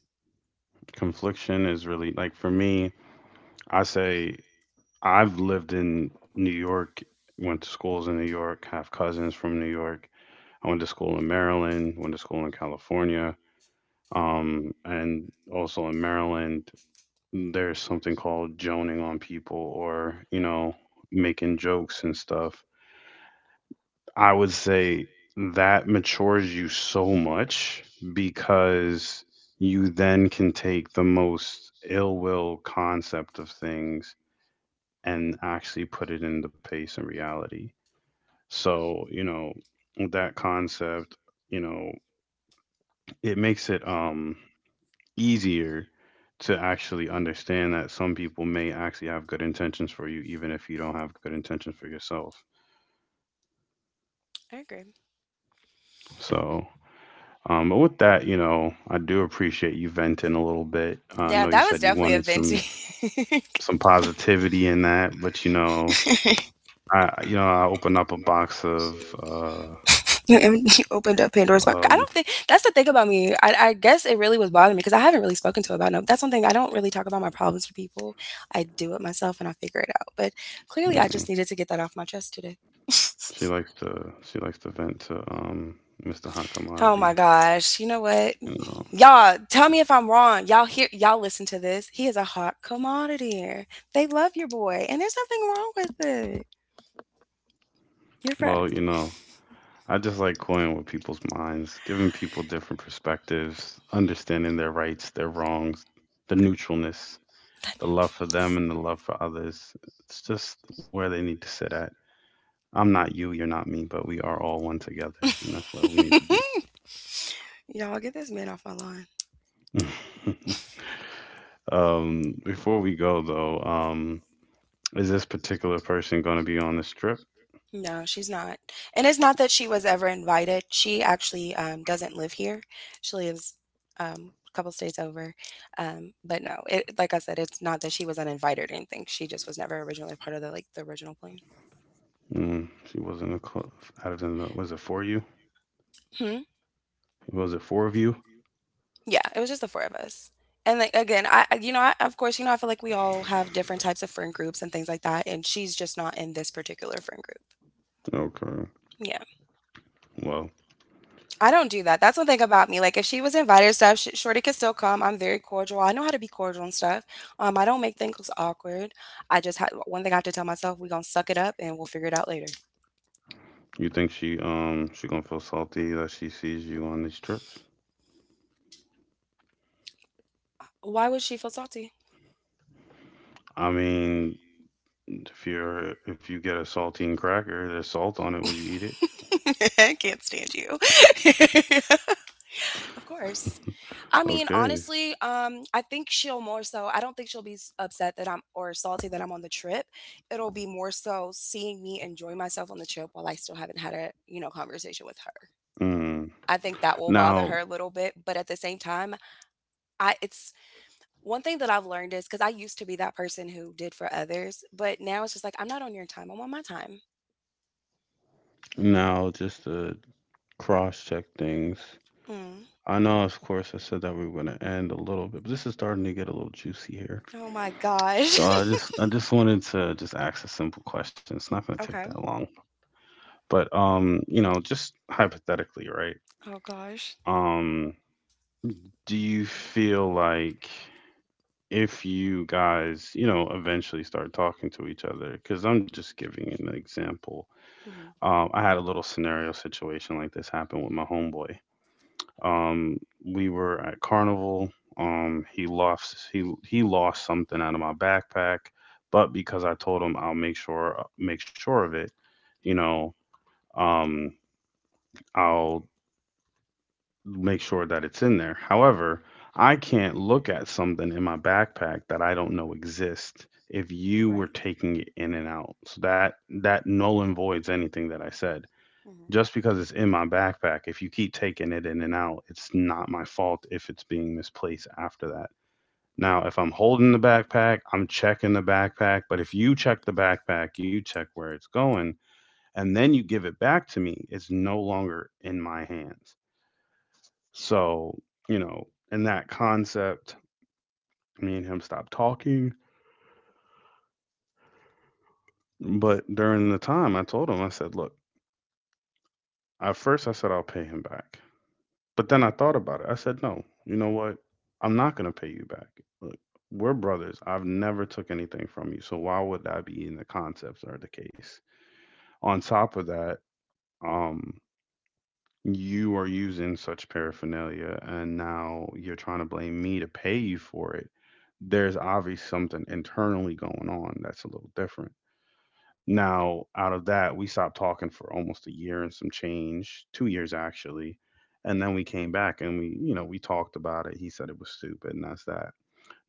[SPEAKER 1] Confliction is really like for me, I say I've lived in New York, went to schools in New York, have cousins from New York. I went to school in Maryland, went to school in California. And also in Maryland, there's something called joning on people, or you know, making jokes and stuff. I would say that matures you so much, because you then can take the most ill will concept of things and actually put it into place and reality. So, you know, that concept, you know, it makes it easier to actually understand that some people may actually have good intentions for you, even if you don't have good intentions for yourself.
[SPEAKER 2] I agree.
[SPEAKER 1] So, but with that, you know, I do appreciate you venting a little bit. I
[SPEAKER 2] Yeah,
[SPEAKER 1] know you
[SPEAKER 2] that was
[SPEAKER 1] said you
[SPEAKER 2] definitely a
[SPEAKER 1] wanted
[SPEAKER 2] venting. [LAUGHS] Some
[SPEAKER 1] some positivity in that, but you know,
[SPEAKER 2] that, but
[SPEAKER 1] I opened up a box of
[SPEAKER 2] you know, [LAUGHS] you opened up Pandora's box. I
[SPEAKER 1] of
[SPEAKER 2] don't think that's the thing about me. I guess it really was bothering me because I haven't really spoken to about no. That's one thing I don't really talk about my problems to people. I do it myself and I figure it out. But clearly, I
[SPEAKER 1] mm,
[SPEAKER 2] just needed to get that off my chest today.
[SPEAKER 1] she likes to vent to Mr. Hot
[SPEAKER 2] [LAUGHS] Oh my
[SPEAKER 1] Commodity.
[SPEAKER 2] gosh! You know what?
[SPEAKER 1] You know,
[SPEAKER 2] Y'all, tell me if I'm wrong. Y'all listen to this. He is a hot commodity. They love your boy, and there's nothing wrong with it. You're fra-
[SPEAKER 1] well, you know, I just like going with people's minds, giving people different perspectives, understanding their rights, their wrongs, the neutralness, the love for them and the love for others. It's just where they need to sit at. I'm not you, you're not me, but we are all one together, and that's where we need to
[SPEAKER 2] [LAUGHS] Y'all get this man off my lawn.
[SPEAKER 1] be. [LAUGHS] Before we go though, is this particular person going to be on this trip?
[SPEAKER 2] No, she's not. And it's not that she was ever invited. She actually doesn't live here. She lives a couple states over. But no, it, like I said, it's not that she was uninvited or anything. She just was never originally part of the original plan.
[SPEAKER 1] Mm, she wasn't a close. Out of the was it for you?
[SPEAKER 2] Hmm?
[SPEAKER 1] Was it four of you?
[SPEAKER 2] Yeah, it was just the 4 of us. And, like, again, I you know, I of course, you know, I feel like we all have different types of friend groups and things like that, and she's just not in this particular friend group.
[SPEAKER 1] Okay.
[SPEAKER 2] Yeah.
[SPEAKER 1] Well,
[SPEAKER 2] I don't do that. That's one thing about me, like, if she was invited to stuff, sh shorty could still come, I'm very cordial, I know how to be cordial and stuff. I don't make things awkward. I just had one thing I have to tell myself, "We gonna suck it up, and we'll figure it out later."
[SPEAKER 1] you think she gonna feel salty that she sees you on these trips?
[SPEAKER 2] Why would she feel salty?
[SPEAKER 1] I mean, if you're if you get a saltine cracker, there's salt on it. Will you eat it?
[SPEAKER 2] [LAUGHS] I can't stand you. [LAUGHS] Of course. I mean,
[SPEAKER 1] Okay.
[SPEAKER 2] honestly, I think she'll more so, I don't think she'll be upset that I'm, or salty that I'm on the trip. It'll be more so seeing me enjoy myself on the trip while I still haven't had a conversation with her.
[SPEAKER 1] Mm.
[SPEAKER 2] I think that will bother
[SPEAKER 1] Now,
[SPEAKER 2] her a little bit, but at the same time, it's one thing that I've learned is because I used to be that person who did for others, but now it's just like, I'm not on your time. I'm on my time.
[SPEAKER 1] now, just to cross check things.
[SPEAKER 2] Mm.
[SPEAKER 1] I know, of course, I said that we were gonna end a little bit, but this is starting to get a little juicy here.
[SPEAKER 2] Oh my gosh.
[SPEAKER 1] I just wanted to just ask a simple question. It's not gonna
[SPEAKER 2] [LAUGHS]
[SPEAKER 1] take that
[SPEAKER 2] Okay.
[SPEAKER 1] long, but you know, just hypothetically, right?
[SPEAKER 2] Oh gosh.
[SPEAKER 1] Um, Do you feel like if you guys, you know, eventually start talking to each other, because I'm just giving an example.
[SPEAKER 2] Hmm.
[SPEAKER 1] I had a little scenario situation like this happen with my homeboy. Um, we were at carnival. He lost he lost something out of my backpack, but because I told him I'll make sure of it, you know, um, I'll make sure that it's in there. However, I can't look at something in my backpack that I don't know exists if you were
[SPEAKER 2] Right.
[SPEAKER 1] taking it in and out. So that null and voids anything that I said.
[SPEAKER 2] Mm-hmm.
[SPEAKER 1] Just because it's in my backpack, if you keep taking it in and out, it's not my fault if it's being misplaced after that. Now, if I'm holding the backpack, I'm checking the backpack, but if you check the backpack, you check where it's going, and then you give it back to me, it's no longer in my hands. So, you know, in that concept, me and him stopped talking. But during the time, I told him, I said, look, at first I said I'll pay him back. But then I thought about it. I said, no, you know what? I'm not going to pay you back. Look, we're brothers. I've never took anything from you. So why would that be in the concepts or the case? On top of that, um, you are using such paraphernalia, and now you're trying to blame me to pay you for it. There's obviously something internally going on that's a little different. Now, out of that, we stopped talking for almost a year and some change, 2 years actually. And then we came back and we, you know, we talked about it. He said it was stupid, and that's that.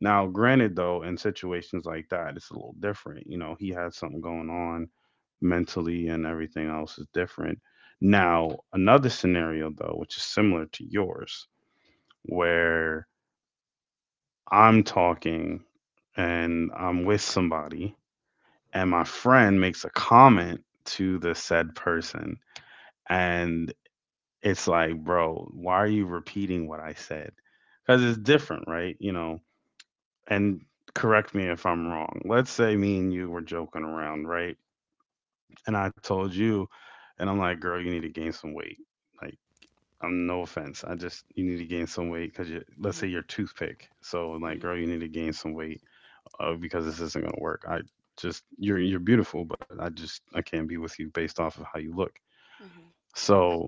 [SPEAKER 1] Now, granted, though, in situations like that, it's a little different. You know, he has something going on mentally, and everything else is different. Now, another scenario, though, which is similar to yours, where I'm talking and I'm with somebody, and my friend makes a comment to the said person, and it's like, bro, why are you repeating what I said? Because it's different, right? You know, and correct me if I'm wrong. Let's say me and you were joking around, right? And I told you, and I'm like, girl, you need to gain some weight. Like, I'm no offense. I just, you need to gain some weight because you, let's say
[SPEAKER 2] Hmm.
[SPEAKER 1] your toothpick. So, like, girl,
[SPEAKER 2] Hmm.
[SPEAKER 1] you need to gain some weight because this isn't going to work. You're beautiful, but I can't be with you based off of how you look.
[SPEAKER 2] Hmm.
[SPEAKER 1] So,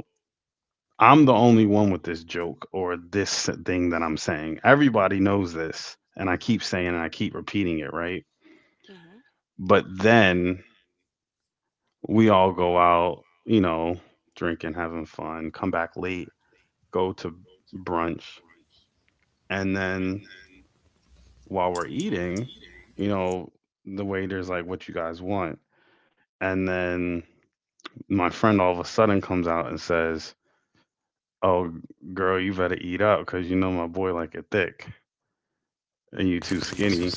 [SPEAKER 1] I'm the only one with this joke or this thing that I'm saying. Everybody knows this. And I keep saying, and I keep repeating it, right?
[SPEAKER 2] Hmm.
[SPEAKER 1] But then we all go out, you know, drinking, having fun, come back late, go to brunch. And then while we're eating, you know, the waiter's like, what you guys want? And then my friend all of a sudden comes out and says, oh, girl, you better eat up because you know my boy like it thick and you too skinny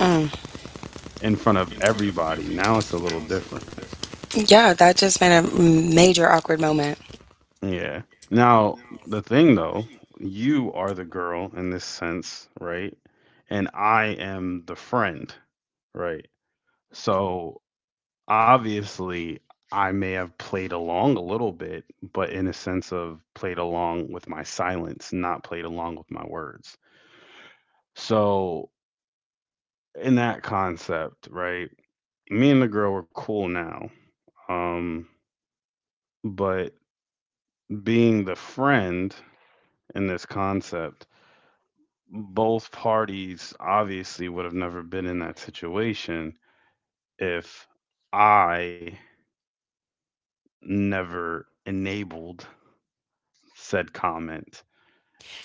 [SPEAKER 2] Mm.
[SPEAKER 1] in front of everybody. Now it's a little different.
[SPEAKER 2] Yeah, that just made a major awkward moment.
[SPEAKER 1] Yeah. Now, the thing though, you are the girl in this sense, right? And I am the friend, right? So obviously, I may have played along a little bit, but in a sense of played along with my silence, not played along with my words. So, in that concept, right? Me and the girl were cool now. Um, but being the friend in this concept, both parties obviously would have never been in that situation if I never enabled said comment.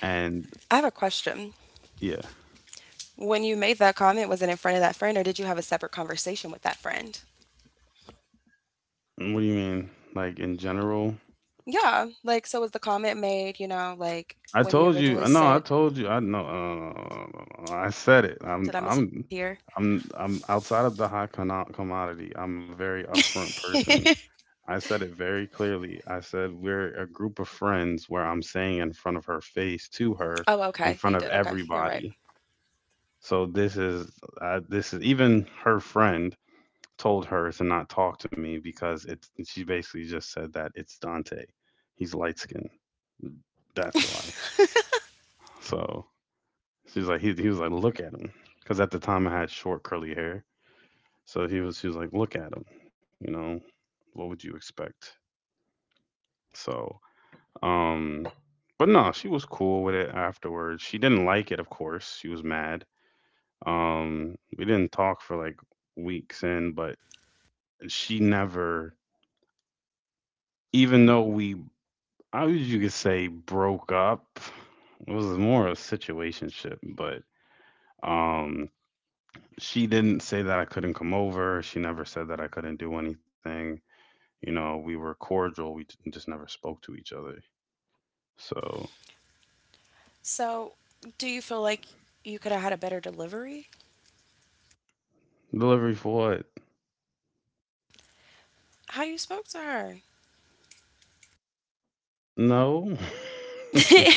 [SPEAKER 1] And
[SPEAKER 2] I have a question.
[SPEAKER 1] yeah,
[SPEAKER 2] When you made that comment, was it in front of that friend or did you have a separate conversation with that friend?
[SPEAKER 1] what do you mean? Like in general?
[SPEAKER 2] Yeah, like, so was the comment made, you know, like
[SPEAKER 1] I
[SPEAKER 2] when you
[SPEAKER 1] told you.
[SPEAKER 2] originally
[SPEAKER 1] No, I
[SPEAKER 2] said,
[SPEAKER 1] told you. I know. I said it.
[SPEAKER 2] did I mishear?
[SPEAKER 1] I'm outside of the high con commodity. I'm a very upfront
[SPEAKER 2] [LAUGHS]
[SPEAKER 1] person. I said it very clearly. I said, we're a group of friends where I'm saying in front of her face to her,
[SPEAKER 2] Oh,
[SPEAKER 1] in
[SPEAKER 2] okay, you
[SPEAKER 1] front of
[SPEAKER 2] did. Okay, you're right.
[SPEAKER 1] everybody. So this is, this is even her friend told her to not talk to me because she basically just said that it's Dante. He's light skinned. That's why. So she's like, he was like, look at him. Because at the time I had short curly hair. So she was like, look at him. You know, what would you expect? So Um, but no, she was cool with it afterwards. She didn't like it, of course. She was mad. We didn't talk for like weeks in, but she never, even though we, I would you could say broke up. It was more a situationship, but um, she didn't say that I couldn't come over. She never said that I couldn't do anything. You know, we were cordial. We just never spoke to each other. So
[SPEAKER 2] So, do you feel like you could have had a better delivery?
[SPEAKER 1] delivery for what?
[SPEAKER 2] How you spoke to her?
[SPEAKER 1] No.
[SPEAKER 2] [LAUGHS]
[SPEAKER 1] [LAUGHS]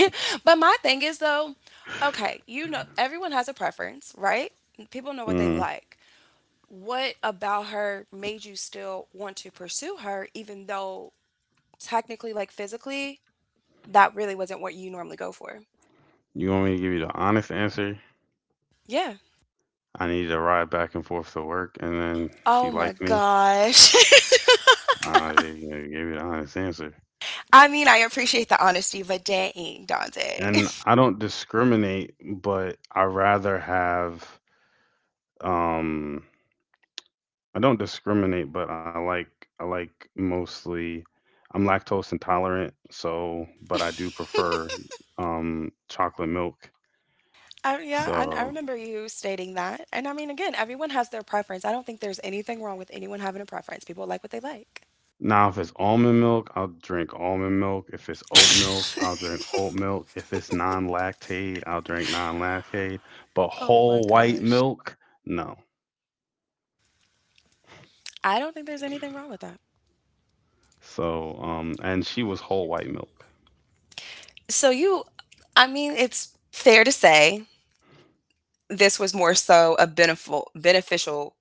[SPEAKER 2] But my thing is though, okay, you know, everyone has a preference, right? People know what they
[SPEAKER 1] Mhm.
[SPEAKER 2] like. What about her made you still want to pursue her, even though technically, like physically, that really wasn't what you normally go for?
[SPEAKER 1] You want me to give you the honest answer?
[SPEAKER 2] Yeah.
[SPEAKER 1] I needed a ride back and forth to work, and then she
[SPEAKER 2] Oh my
[SPEAKER 1] liked me.
[SPEAKER 2] gosh. [LAUGHS]
[SPEAKER 1] I gave you the honest answer.
[SPEAKER 2] I mean, I appreciate the honesty, but dang, Dante.
[SPEAKER 1] And
[SPEAKER 2] [LAUGHS]
[SPEAKER 1] I don't discriminate, but I rather have um I don't discriminate, but I like I like mostly I'm lactose intolerant, so but I do prefer chocolate milk.
[SPEAKER 2] Yeah, I
[SPEAKER 1] So
[SPEAKER 2] remember you stating that. And I mean, again, everyone has their preference. I don't think there's anything wrong with anyone having a preference. People like what they like.
[SPEAKER 1] now, if it's almond milk, I'll drink almond milk. If it's oat milk,
[SPEAKER 2] [LAUGHS]
[SPEAKER 1] I'll drink oat milk. If it's non-lactate, I'll drink non-lactate. But
[SPEAKER 2] Oh my
[SPEAKER 1] whole white
[SPEAKER 2] gosh.
[SPEAKER 1] milk, no.
[SPEAKER 2] I don't think there's anything wrong with that.
[SPEAKER 1] So, and she was whole white milk.
[SPEAKER 2] So you, I mean, it's fair to say this was more so a beneficial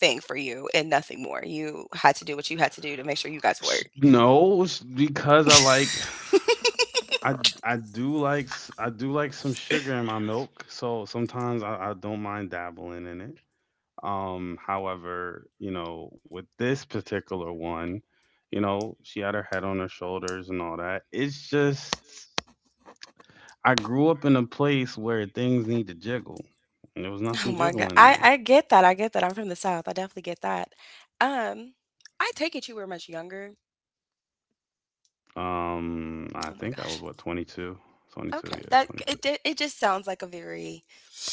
[SPEAKER 2] thing for you and nothing more. You had to do what you had to do to make sure you guys work. [LAUGHS]
[SPEAKER 1] No, it's because I I do like I do like some sugar in my milk, so sometimes I don't mind dabbling in it. However, you know, with this particular one, you know, she had her head on her shoulders and all that. It's just I grew up in a place where things need to jiggle, and there was
[SPEAKER 2] Oh
[SPEAKER 1] nothing
[SPEAKER 2] my god.
[SPEAKER 1] jiggling there.
[SPEAKER 2] I get that. I get that. I'm from the South. I definitely get that. Um I take it you were much younger.
[SPEAKER 1] I
[SPEAKER 2] Oh my
[SPEAKER 1] think I was
[SPEAKER 2] gosh.
[SPEAKER 1] what
[SPEAKER 2] [LAUGHS]
[SPEAKER 1] 22, 22,
[SPEAKER 2] Okay.
[SPEAKER 1] yeah,
[SPEAKER 2] That
[SPEAKER 1] 22.
[SPEAKER 2] it did, it just sounds like a very—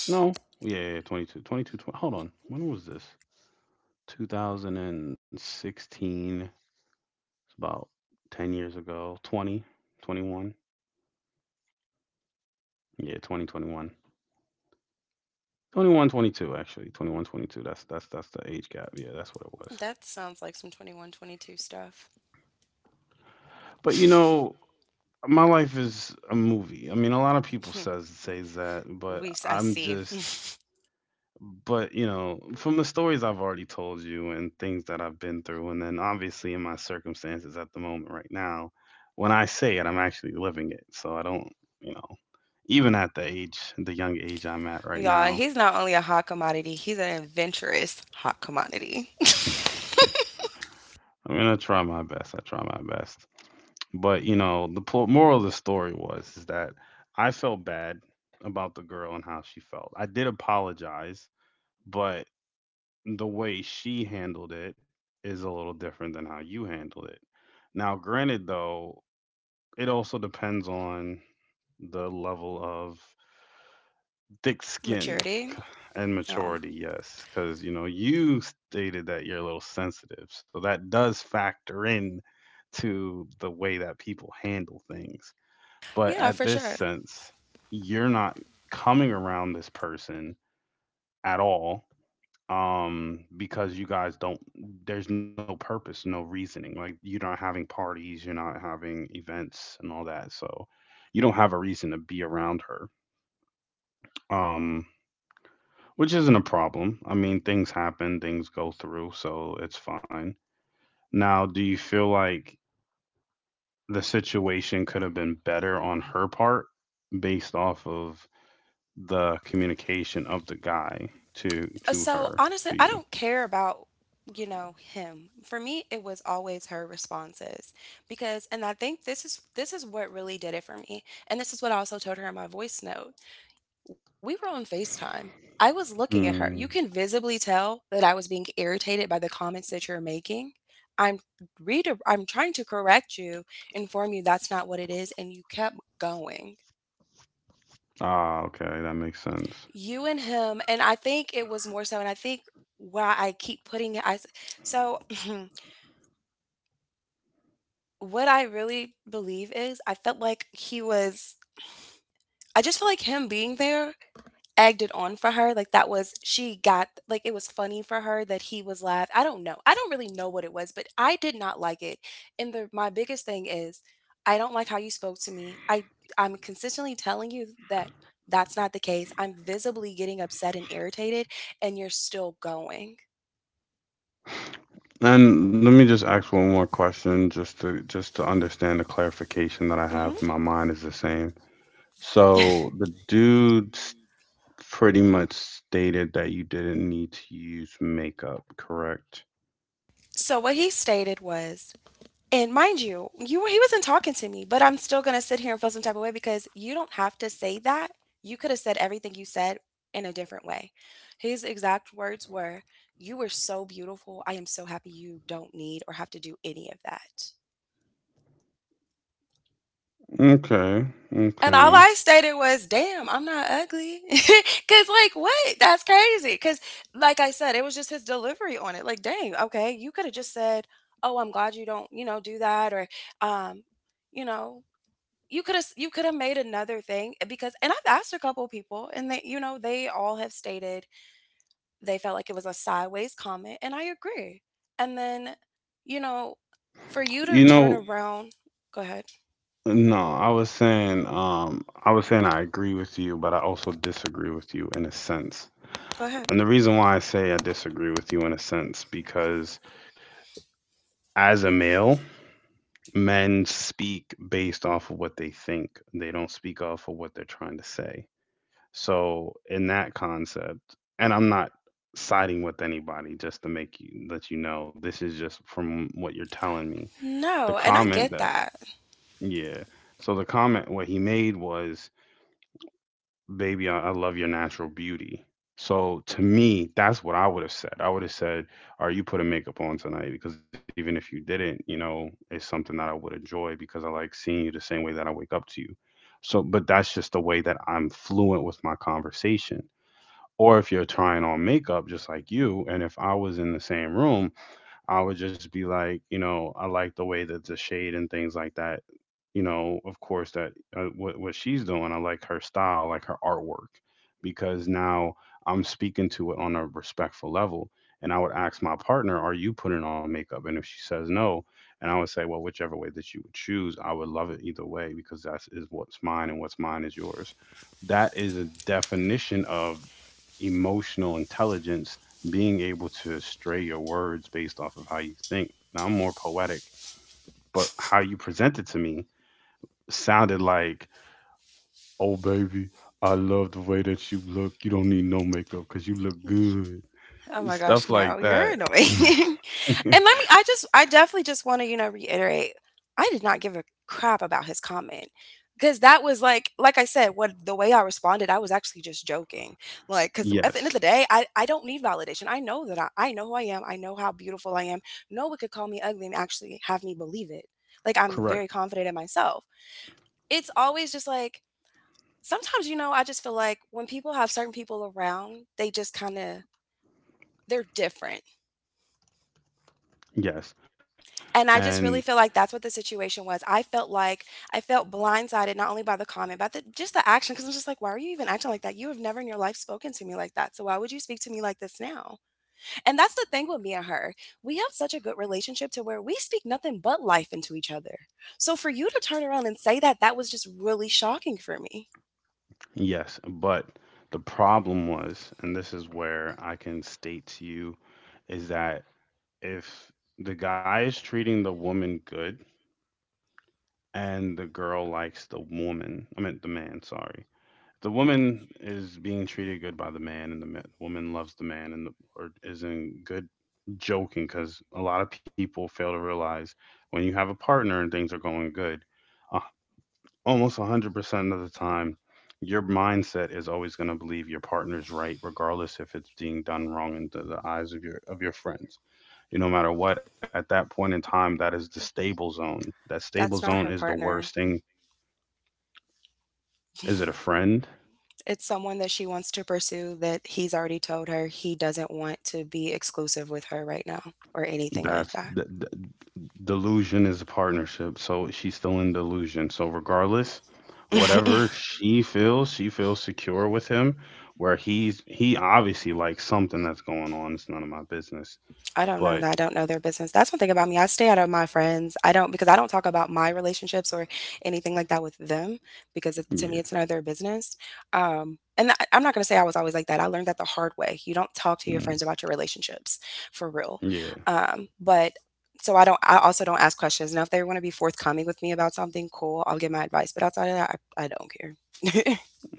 [SPEAKER 1] No, yeah, yeah, 22, 22, 20, hold on. When was this? 2016. It's about 10 years ago. 20, 21. Yeah, 2021. 21, 22, actually. 21 22. That's the age gap. Yeah, that's what it was.
[SPEAKER 2] that sounds like some 21, 22 stuff.
[SPEAKER 1] But you know, my life is a movie. I mean, a lot of people says that, but
[SPEAKER 2] I
[SPEAKER 1] I'm
[SPEAKER 2] see.
[SPEAKER 1] just but you know, from the stories I've already told you and things that I've been through and then obviously in my circumstances at the moment right now, when I say it, I'm actually living it. So I don't, you know, even at the young age I'm at
[SPEAKER 2] [LAUGHS]
[SPEAKER 1] right
[SPEAKER 2] Y'all,
[SPEAKER 1] now,
[SPEAKER 2] he's not only a hot commodity, he's an adventurous hot commodity.
[SPEAKER 1] [LAUGHS] I'm gonna try my best. I try my best. But you know, the moral of the story was is that I felt bad about the girl and how she felt. I did apologize, but the way she handled it is a little different than how you handled it. Now, granted though, it also depends on the level of thick
[SPEAKER 2] [LAUGHS]
[SPEAKER 1] skin
[SPEAKER 2] Maturity.
[SPEAKER 1] and
[SPEAKER 2] Oh,
[SPEAKER 1] maturity, yes, cuz you know, you stated that you're a little sensitive. So that does factor in to the way that people handle things. But
[SPEAKER 2] yeah,
[SPEAKER 1] at
[SPEAKER 2] for
[SPEAKER 1] this
[SPEAKER 2] sure.
[SPEAKER 1] sense, you're not coming around this person at all, um, because you guys don't, there's no purpose, no reasoning, like you're not having parties, you're not having events and all that, so you don't have a reason to be around her, um which isn't a problem. I mean things happen, things go through, so it's fine. Now do you feel like the situation could have been better on her part based off of the communication of the guy to
[SPEAKER 2] So
[SPEAKER 1] her
[SPEAKER 2] honestly,
[SPEAKER 1] to
[SPEAKER 2] I
[SPEAKER 1] you.
[SPEAKER 2] don't care about, you know, him. For me, it was always her responses because, and I think this is what really did it for me. And this is what I also told her in my voice note. We were on FaceTime. I was looking at her. You can
[SPEAKER 1] Mm.
[SPEAKER 2] visibly tell that I was being irritated by the comments that you're making. I'm I'm trying to correct you, inform you that's not what it is, and you kept going.
[SPEAKER 1] Ah, okay, that makes sense.
[SPEAKER 2] You and him, and I think it was more so, and I think why I keep putting it so [CLEARS THROAT] what I really believe is I felt like he was I just feel like him being there egged it on for her. Like that was she got like it was funny for her that he was laugh. I don't know. I don't really know what it was, but I did not like it. And the my biggest thing is I don't like how you spoke to me. I'm consistently telling you that that's not the case. I'm visibly getting upset and irritated and you're still going.
[SPEAKER 1] And let me just ask one more question, just to understand the clarification that I have
[SPEAKER 2] Mhm.
[SPEAKER 1] in my mind is the same. So the dude pretty much stated that you didn't need to use makeup, correct?
[SPEAKER 2] So what he stated was— and mind you, he wasn't talking to me, but I'm still gonna sit here and feel some type of way because you don't have to say that. You could have said everything you said in a different way. His exact words were, "You were so beautiful. I am so happy you don't need or have to do any of that."
[SPEAKER 1] Okay,
[SPEAKER 2] And all
[SPEAKER 1] okay.
[SPEAKER 2] I stated was, "Damn, I'm not ugly." [LAUGHS] Cuz like, what? That's crazy. Cuz like I said, it was just his delivery on it. Like, dang, okay, you could have just said, "Oh, I'm glad you don't, you know, do that," or um, you know, you coulda made another thing eh, because— and I've asked a couple people and they you know, they all have stated they felt like it was a sideways comment, and I agree. And then, you know, for you to
[SPEAKER 1] You
[SPEAKER 2] turn
[SPEAKER 1] know,
[SPEAKER 2] around— go ahead.
[SPEAKER 1] no, I was saying I agree with you, but I also disagree with you in a sense.
[SPEAKER 2] Go
[SPEAKER 1] And
[SPEAKER 2] ahead.
[SPEAKER 1] the reason why I say I disagree with you in a sense, because as a male, men speak based off of what they think, they don't speak off of what they're trying to say. So, in that concept, and I'm not siding with anybody just to make you let you know this is just from what you're telling me. The
[SPEAKER 2] No, and I
[SPEAKER 1] comment
[SPEAKER 2] get
[SPEAKER 1] that,
[SPEAKER 2] that.
[SPEAKER 1] yeah. So, the comment what he made was baby, I love your natural beauty. So to me, that's what I would have said. I would have said, are you putting makeup on tonight? Because even if you didn't, you know, it's something that I would enjoy because I like seeing you the same way that I wake up to you. So, but that's just the way that I'm fluent with my conversation. Or if you're trying on makeup, just like you, and if I was in the same room, I would just be like, you know, I like the way that the shade and things like that, you know, of course, that what she's doing. I like her style, I like her artwork, because now I'm speaking to it on a respectful level. And I would ask my partner, "Are you putting on makeup?" And if she says no, and I would say, "Well, whichever way that you would choose, I would love it either way because that is what's mine, and what's mine is yours." That is a definition of emotional intelligence, being able to stray your words based off of how you think. Now I'm more poetic, but how you present it to me sounded like, "Oh baby, I love the way that you look. You don't need no makeup cuz you look good."
[SPEAKER 2] Oh my gosh,
[SPEAKER 1] Stuff like
[SPEAKER 2] no, you're
[SPEAKER 1] that.
[SPEAKER 2] annoying. [LAUGHS] And let me,
[SPEAKER 1] [LAUGHS]
[SPEAKER 2] I definitely just want to, you know, reiterate, I did not give a crap about his comment because that was like I said, what the way I responded, I was actually just joking. Like, because at the end of the
[SPEAKER 1] Yes.
[SPEAKER 2] day, I don't need validation. I know that I know who I am. I know how beautiful I am. No one could call me ugly and actually have me believe it. Like, I'm
[SPEAKER 1] Correct.
[SPEAKER 2] very confident in myself. It's always just like, sometimes, you know, I just feel like when people have certain people around, they just kind of, they're different.
[SPEAKER 1] Yes.
[SPEAKER 2] And I
[SPEAKER 1] And
[SPEAKER 2] just really feel like that's what the situation was. I felt like I felt blindsided not only by the comment, but just the action. Because I'm just like, why are you even acting like that? You have never in your life spoken to me like that. So why would you speak to me like this now? And that's the thing with me and her. We have such a good relationship to where we speak nothing but life into each other. So for you to turn around and say that, that was just really shocking for me.
[SPEAKER 1] yes, but the problem was, and this is where I can state to you, is that if the guy is treating the woman good and the girl likes the woman, I meant the man, sorry, the woman is being treated good by the man, and the woman loves the man, and the, or is in good, joking because a lot of people fail to realize when you have a partner and things are going good, uh, almost 100% of the time, your mindset is always going to believe your partner's right, regardless if it's being done wrong into the eyes of your friends. You no matter what, at that point in time, that is the stable zone. That stable
[SPEAKER 2] That's
[SPEAKER 1] zone
[SPEAKER 2] not
[SPEAKER 1] is
[SPEAKER 2] her
[SPEAKER 1] the worst
[SPEAKER 2] partner.
[SPEAKER 1] thing. Is it a friend?
[SPEAKER 2] It's someone that she wants to pursue that he's already told her he doesn't want to be exclusive with her right now or anything like
[SPEAKER 1] That's
[SPEAKER 2] that.
[SPEAKER 1] the, delusion is a partnership. So she's still in delusion. So regardless,
[SPEAKER 2] [LAUGHS]
[SPEAKER 1] whatever she feels secure with him. Where he obviously likes something that's going on. It's none of my business.
[SPEAKER 2] I don't know.
[SPEAKER 1] But
[SPEAKER 2] That I don't know their business. That's one thing about me. I stay out of my friends. I don't because I don't talk about my relationships or anything like that with them because to me
[SPEAKER 1] yeah.
[SPEAKER 2] it's none of their business. And I'm not going to say I was always like that. I learned that the hard way. You don't talk to your
[SPEAKER 1] Mm.
[SPEAKER 2] friends about your relationships for real.
[SPEAKER 1] Yeah,
[SPEAKER 2] But so I don't. I also don't ask questions. Now, if they want to be forthcoming with me about something, cool. I'll give my advice. But outside of that, I don't care.
[SPEAKER 1] yeah.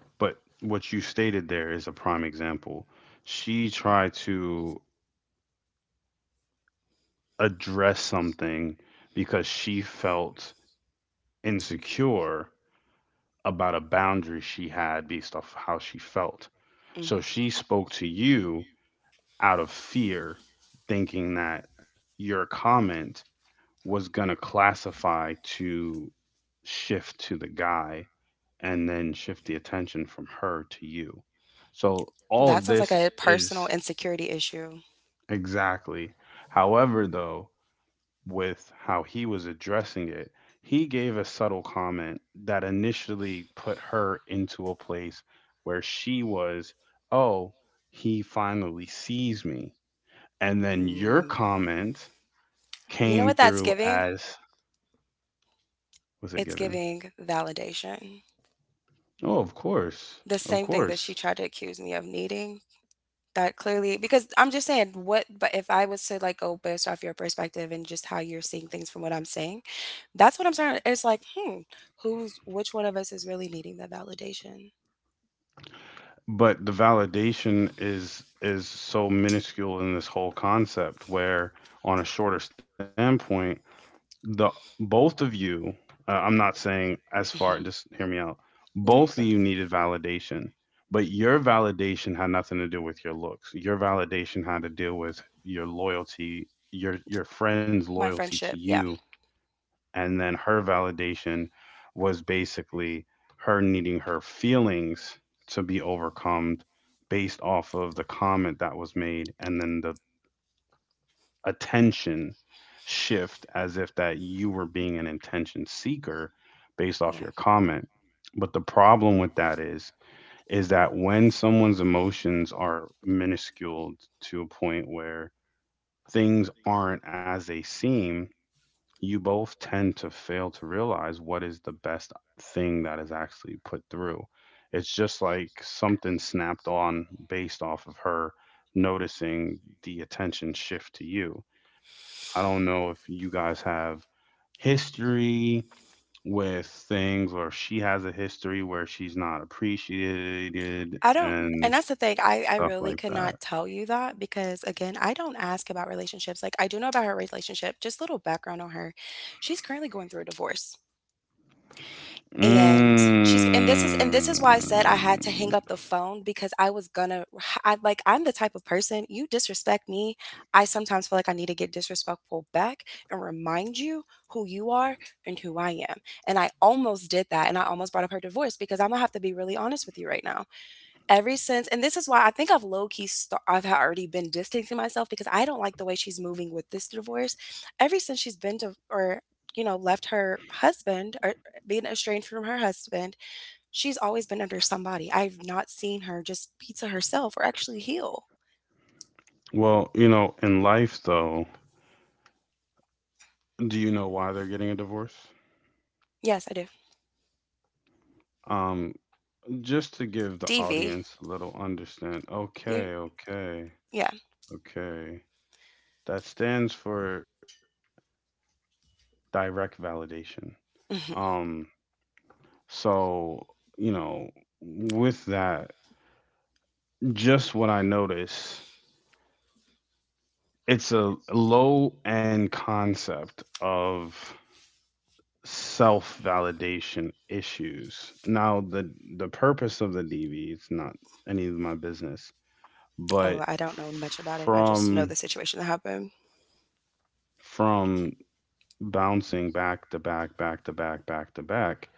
[SPEAKER 1] But what you stated there is a prime example. She tried to address something because she felt insecure about a boundary she had based off how she felt.
[SPEAKER 2] Mm.
[SPEAKER 1] So she spoke to you out of fear, thinking that your comment was going to classify to shift to the guy and then shift the attention from her to you. So all
[SPEAKER 2] That
[SPEAKER 1] of
[SPEAKER 2] sounds like
[SPEAKER 1] this
[SPEAKER 2] a personal
[SPEAKER 1] is,
[SPEAKER 2] insecurity issue.
[SPEAKER 1] exactly. However, though, with how he was addressing it, he gave a subtle comment that initially put her into a place where she was, oh, he finally sees me. And then your
[SPEAKER 2] Mm.
[SPEAKER 1] comment
[SPEAKER 2] You
[SPEAKER 1] came
[SPEAKER 2] know what
[SPEAKER 1] through
[SPEAKER 2] that's giving?
[SPEAKER 1] as, was it
[SPEAKER 2] It's
[SPEAKER 1] given?
[SPEAKER 2] giving validation.
[SPEAKER 1] Oh, of course.
[SPEAKER 2] The
[SPEAKER 1] Of
[SPEAKER 2] same thing that she
[SPEAKER 1] course.
[SPEAKER 2] tried to accuse me of needing, that clearly— because I'm just saying what— but if I was to like go based off your perspective and just how you're seeing things from what I'm saying, that's what I'm starting— it's like, hmm, who's— which one of us is really needing that validation?
[SPEAKER 1] But the validation is so minuscule in this whole concept where on a shorter standpoint, the both of you, I'm not saying as far,
[SPEAKER 2] Mhm.
[SPEAKER 1] just hear me out,
[SPEAKER 2] No,
[SPEAKER 1] both
[SPEAKER 2] you're
[SPEAKER 1] of you
[SPEAKER 2] good.
[SPEAKER 1] needed validation, but your validation had nothing to do with your looks. Your validation had to do with your loyalty, your friend's
[SPEAKER 2] My
[SPEAKER 1] loyalty to
[SPEAKER 2] friendship, yeah.
[SPEAKER 1] you, and then her validation was basically her needing her feelings to be overcome based off of the comment that was made and then the attention shift, as if that you were being an intention seeker based off
[SPEAKER 2] Yeah.
[SPEAKER 1] your comment. But the problem with that is that when someone's emotions are minuscule to a point where things aren't as they seem, you both tend to fail to realize what is the best thing that is actually put through. It's just like something snapped on based off of her noticing the attention shift to you. I don't know if you guys have history with things or if she has a history where she's not appreciated
[SPEAKER 2] I don't, and
[SPEAKER 1] and
[SPEAKER 2] that's the thing, I
[SPEAKER 1] stuff
[SPEAKER 2] really
[SPEAKER 1] like
[SPEAKER 2] could not
[SPEAKER 1] that.
[SPEAKER 2] tell you that because again, I don't ask about relationships. Like I do know about her relationship, just little background on her. She's currently going through a divorce. And she's— and this
[SPEAKER 1] Mm.
[SPEAKER 2] is why I said I had to hang up the phone because I was gonna— I like— I'm the type of person you disrespect me. I sometimes feel like I need to get disrespectful back and remind you who you are and who I am. And I almost did that, and I almost brought up her divorce because I'm gonna have to be really honest with you right now. Ever since— and this is why I think I've low key sta I've ha already been distancing myself because I don't like the way she's moving with this divorce. Ever since she's been to or, you know, left her husband or being estranged from her husband, she's always been under somebody. I've not seen her just be to herself or actually heal.
[SPEAKER 1] Well, you know, in life though, do you know why they're getting a divorce?
[SPEAKER 2] Yes, I do.
[SPEAKER 1] Um, just to give the
[SPEAKER 2] DV.
[SPEAKER 1] audience a little understand.
[SPEAKER 2] You
[SPEAKER 1] Okay, okay,
[SPEAKER 2] yeah.
[SPEAKER 1] okay. That stands for direct validation.
[SPEAKER 2] Mhm.
[SPEAKER 1] Um, So, you know, with that, just what I notice, it's a low end concept of self validation issues. Now, the purpose of the DV it's not any of my business,
[SPEAKER 2] Oh,
[SPEAKER 1] but
[SPEAKER 2] I don't know much about it. I just know the situation that happened.
[SPEAKER 1] from bouncing back to back, back to back, back to back,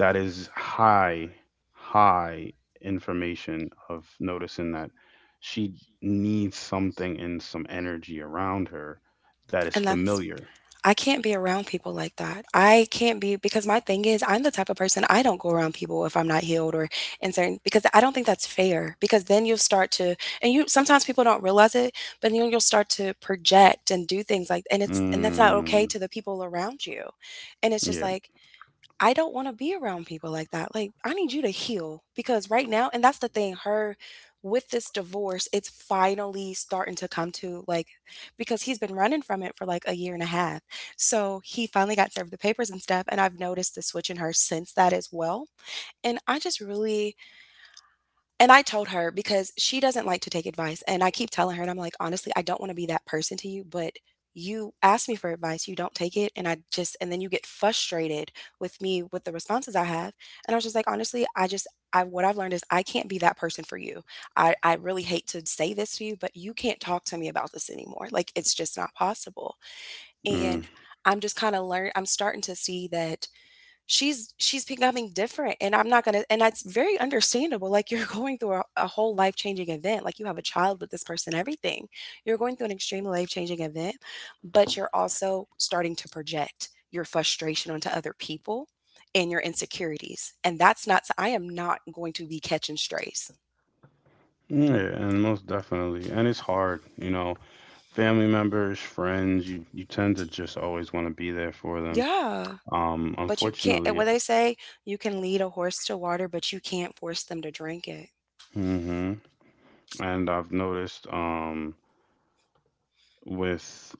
[SPEAKER 1] that is high, high information of noticing that she needs something and some energy around her that is
[SPEAKER 2] And that's—
[SPEAKER 1] familiar.
[SPEAKER 2] I can't be around people like that. I can't be because my thing is I'm the type of person I don't go around people if I'm not healed or in certain because I don't think that's fair because then you'll start to— and you— sometimes people don't realize it, but then you'll start to project and do things like— and it's— and that's not
[SPEAKER 1] Mm.
[SPEAKER 2] okay to the people around you. And it's just
[SPEAKER 1] Yeah.
[SPEAKER 2] like I don't want to be around people like that. Like, I need you to heal because right now, and that's the thing, her with this divorce, it's finally starting to come to like, because he's been running from it for like a year and a half. So he finally got served the papers and stuff. And I've noticed the switch in her since that as well. And I just really, and I told her because she doesn't like to take advice, and I keep telling her, and I'm like, "Honestly, I don't wanna be that person to you, but you ask me for advice, you don't take it, and I just and then you get frustrated with me with the responses I have." And I was just like, "Honestly, I just I what I've learned is I can't be that person for you. I really hate to say this to you, but you can't talk to me about this anymore. Like, it's just not possible."
[SPEAKER 1] Mm,
[SPEAKER 2] And I'm just kinda learn I'm starting to see that she's becoming different, and I'm not gonna and that's very understandable, like, you're [LAUGHS] going through a whole life-changing event, like, you have a child with this person, everything. You're going through an extremely life-changing event, but you're also starting to project your frustration onto other people and your insecurities, and that's not I am not going to be catching strays.
[SPEAKER 1] yeah, and most definitely. And it's hard, you know, family members, friends, you tend to just always want to be there for them.
[SPEAKER 2] Yeah, but you can't
[SPEAKER 1] Unfortunately,
[SPEAKER 2] what they say, "You can lead a horse to water, but you can't force them to drink it."
[SPEAKER 1] hmm and I've noticed, with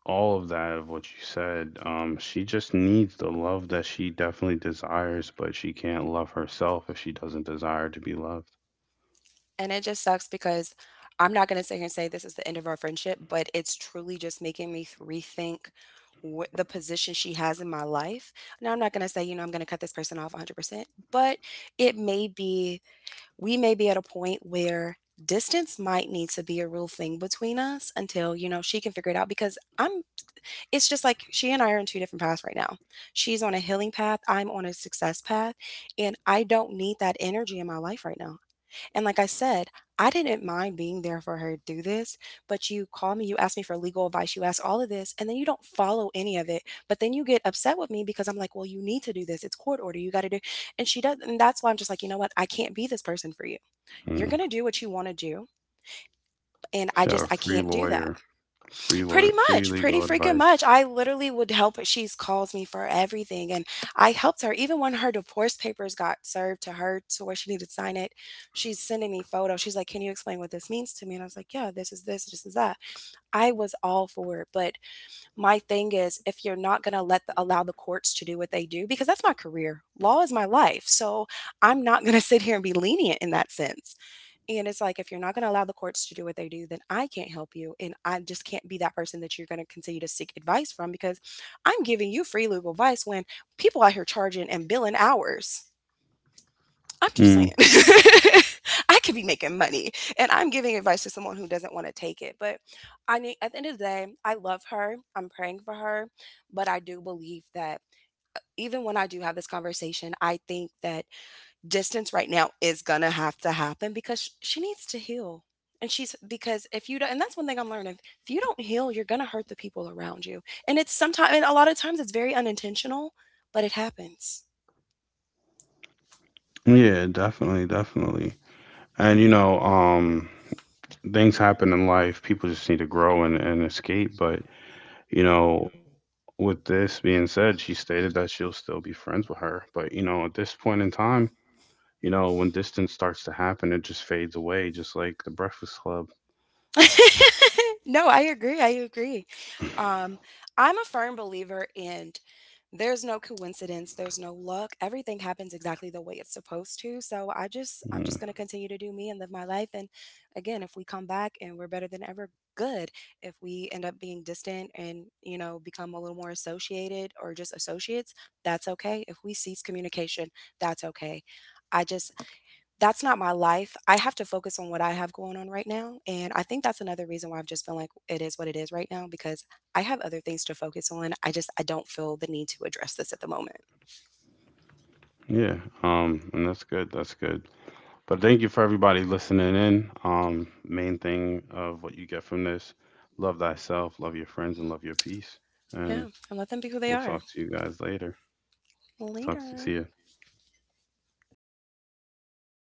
[SPEAKER 1] all of that of what you said. She just needs the love that she definitely desires, but she can't love herself if she doesn't desire to be loved.
[SPEAKER 2] And it just sucks because I'm not going to sit here and say this is the end of our friendship, but it's truly just making me rethink what the position she has in my life. Now, I'm not going to say, you know, I'm going to cut this person off 100%, but it may be, we may be at a point where distance might need to be a real thing between us until, you know, she can figure it out because I'm, it's just like she and I are in two different paths right now. She's on a healing path, I'm on a success path, and I don't need that energy in my life right now. And like I said, I didn't mind being there for her through this, but you call me, you ask me for legal advice, you ask all of this, and then you don't follow any of it. But then you get upset with me because I'm like, well, you need to do this. It's court order. You got to do. And she does. And that's why I'm just like, you know what? I can't be this person for you. You're
[SPEAKER 1] Mm.
[SPEAKER 2] going to do what you want to do. And I
[SPEAKER 1] Shout
[SPEAKER 2] just,
[SPEAKER 1] out
[SPEAKER 2] I
[SPEAKER 1] free
[SPEAKER 2] can't do that.
[SPEAKER 1] lawyer, free
[SPEAKER 2] Pretty
[SPEAKER 1] lawyer, free
[SPEAKER 2] much, pretty
[SPEAKER 1] legal
[SPEAKER 2] freaking
[SPEAKER 1] advice.
[SPEAKER 2] much. I literally would help her. She's calls me for everything, and I helped her even when her divorce papers got served to her to where she needed to sign it. She's sending me photos. She's like, "Can you explain what this means to me?" And I was like, "Yeah, this is this, this is that." I was all for it, but my thing is, if you're not gonna let the, allow the courts to do what they do, because that's my career, law is my life, so I'm not gonna [LAUGHS] sit here and be lenient in that sense. And it's like, if you're not going to allow the courts to do what they do, then I can't help you. And I just can't be that person that you're going to continue to seek advice from because I'm giving you free legal advice when people out here charging and billing hours. I'm just
[SPEAKER 1] Mm.
[SPEAKER 2] saying, [LAUGHS] I could be making money and I'm giving advice to someone who doesn't want to take it. But I mean, at the end of the day, I love her. I'm praying for her. But I do believe that even when I do have this conversation, I think that distance right now is gonna have to happen because she needs to heal. And she's because if you don't, and that's one thing I'm learning. If you don't heal, you're gonna hurt the people around you. And it's sometimes, and a lot of times, it's very unintentional, but it happens.
[SPEAKER 1] Yeah, definitely, definitely. And you know, things happen in life. People just need to grow and escape. But you know, with this being said, she stated that she'll still be friends with her. But you know, at this point in time, you know, when distance starts to happen, it just fades away, just like the Breakfast Club.
[SPEAKER 2] [LAUGHS] no, I agree. I agree.
[SPEAKER 1] [LAUGHS]
[SPEAKER 2] Um, I'm a firm believer in there's no coincidence, there's no luck. Everything happens exactly the way it's supposed to. So I just I'm
[SPEAKER 1] Mm.
[SPEAKER 2] just gonna continue to do me and live my life. And again, if we come back and we're better than ever, good. If we end up being distant and, you know, become a little more associated or just associates, that's okay. If we cease communication, that's okay. I just that's not my life. I have to focus on what I have going on right now, and I think that's another reason why I've just been like, "It is what it is right now," because I have other things to focus on. I just I don't feel the need to address this at the moment.
[SPEAKER 1] Yeah. And that's good. That's good. But thank you for everybody listening in. Main thing of what you get from this, love thyself, love your friends, and love your peace. And
[SPEAKER 2] Yeah, and let them be who
[SPEAKER 1] we'll
[SPEAKER 2] they
[SPEAKER 1] talk
[SPEAKER 2] are.
[SPEAKER 1] to you guys later. Talk to see
[SPEAKER 2] Later.
[SPEAKER 1] you.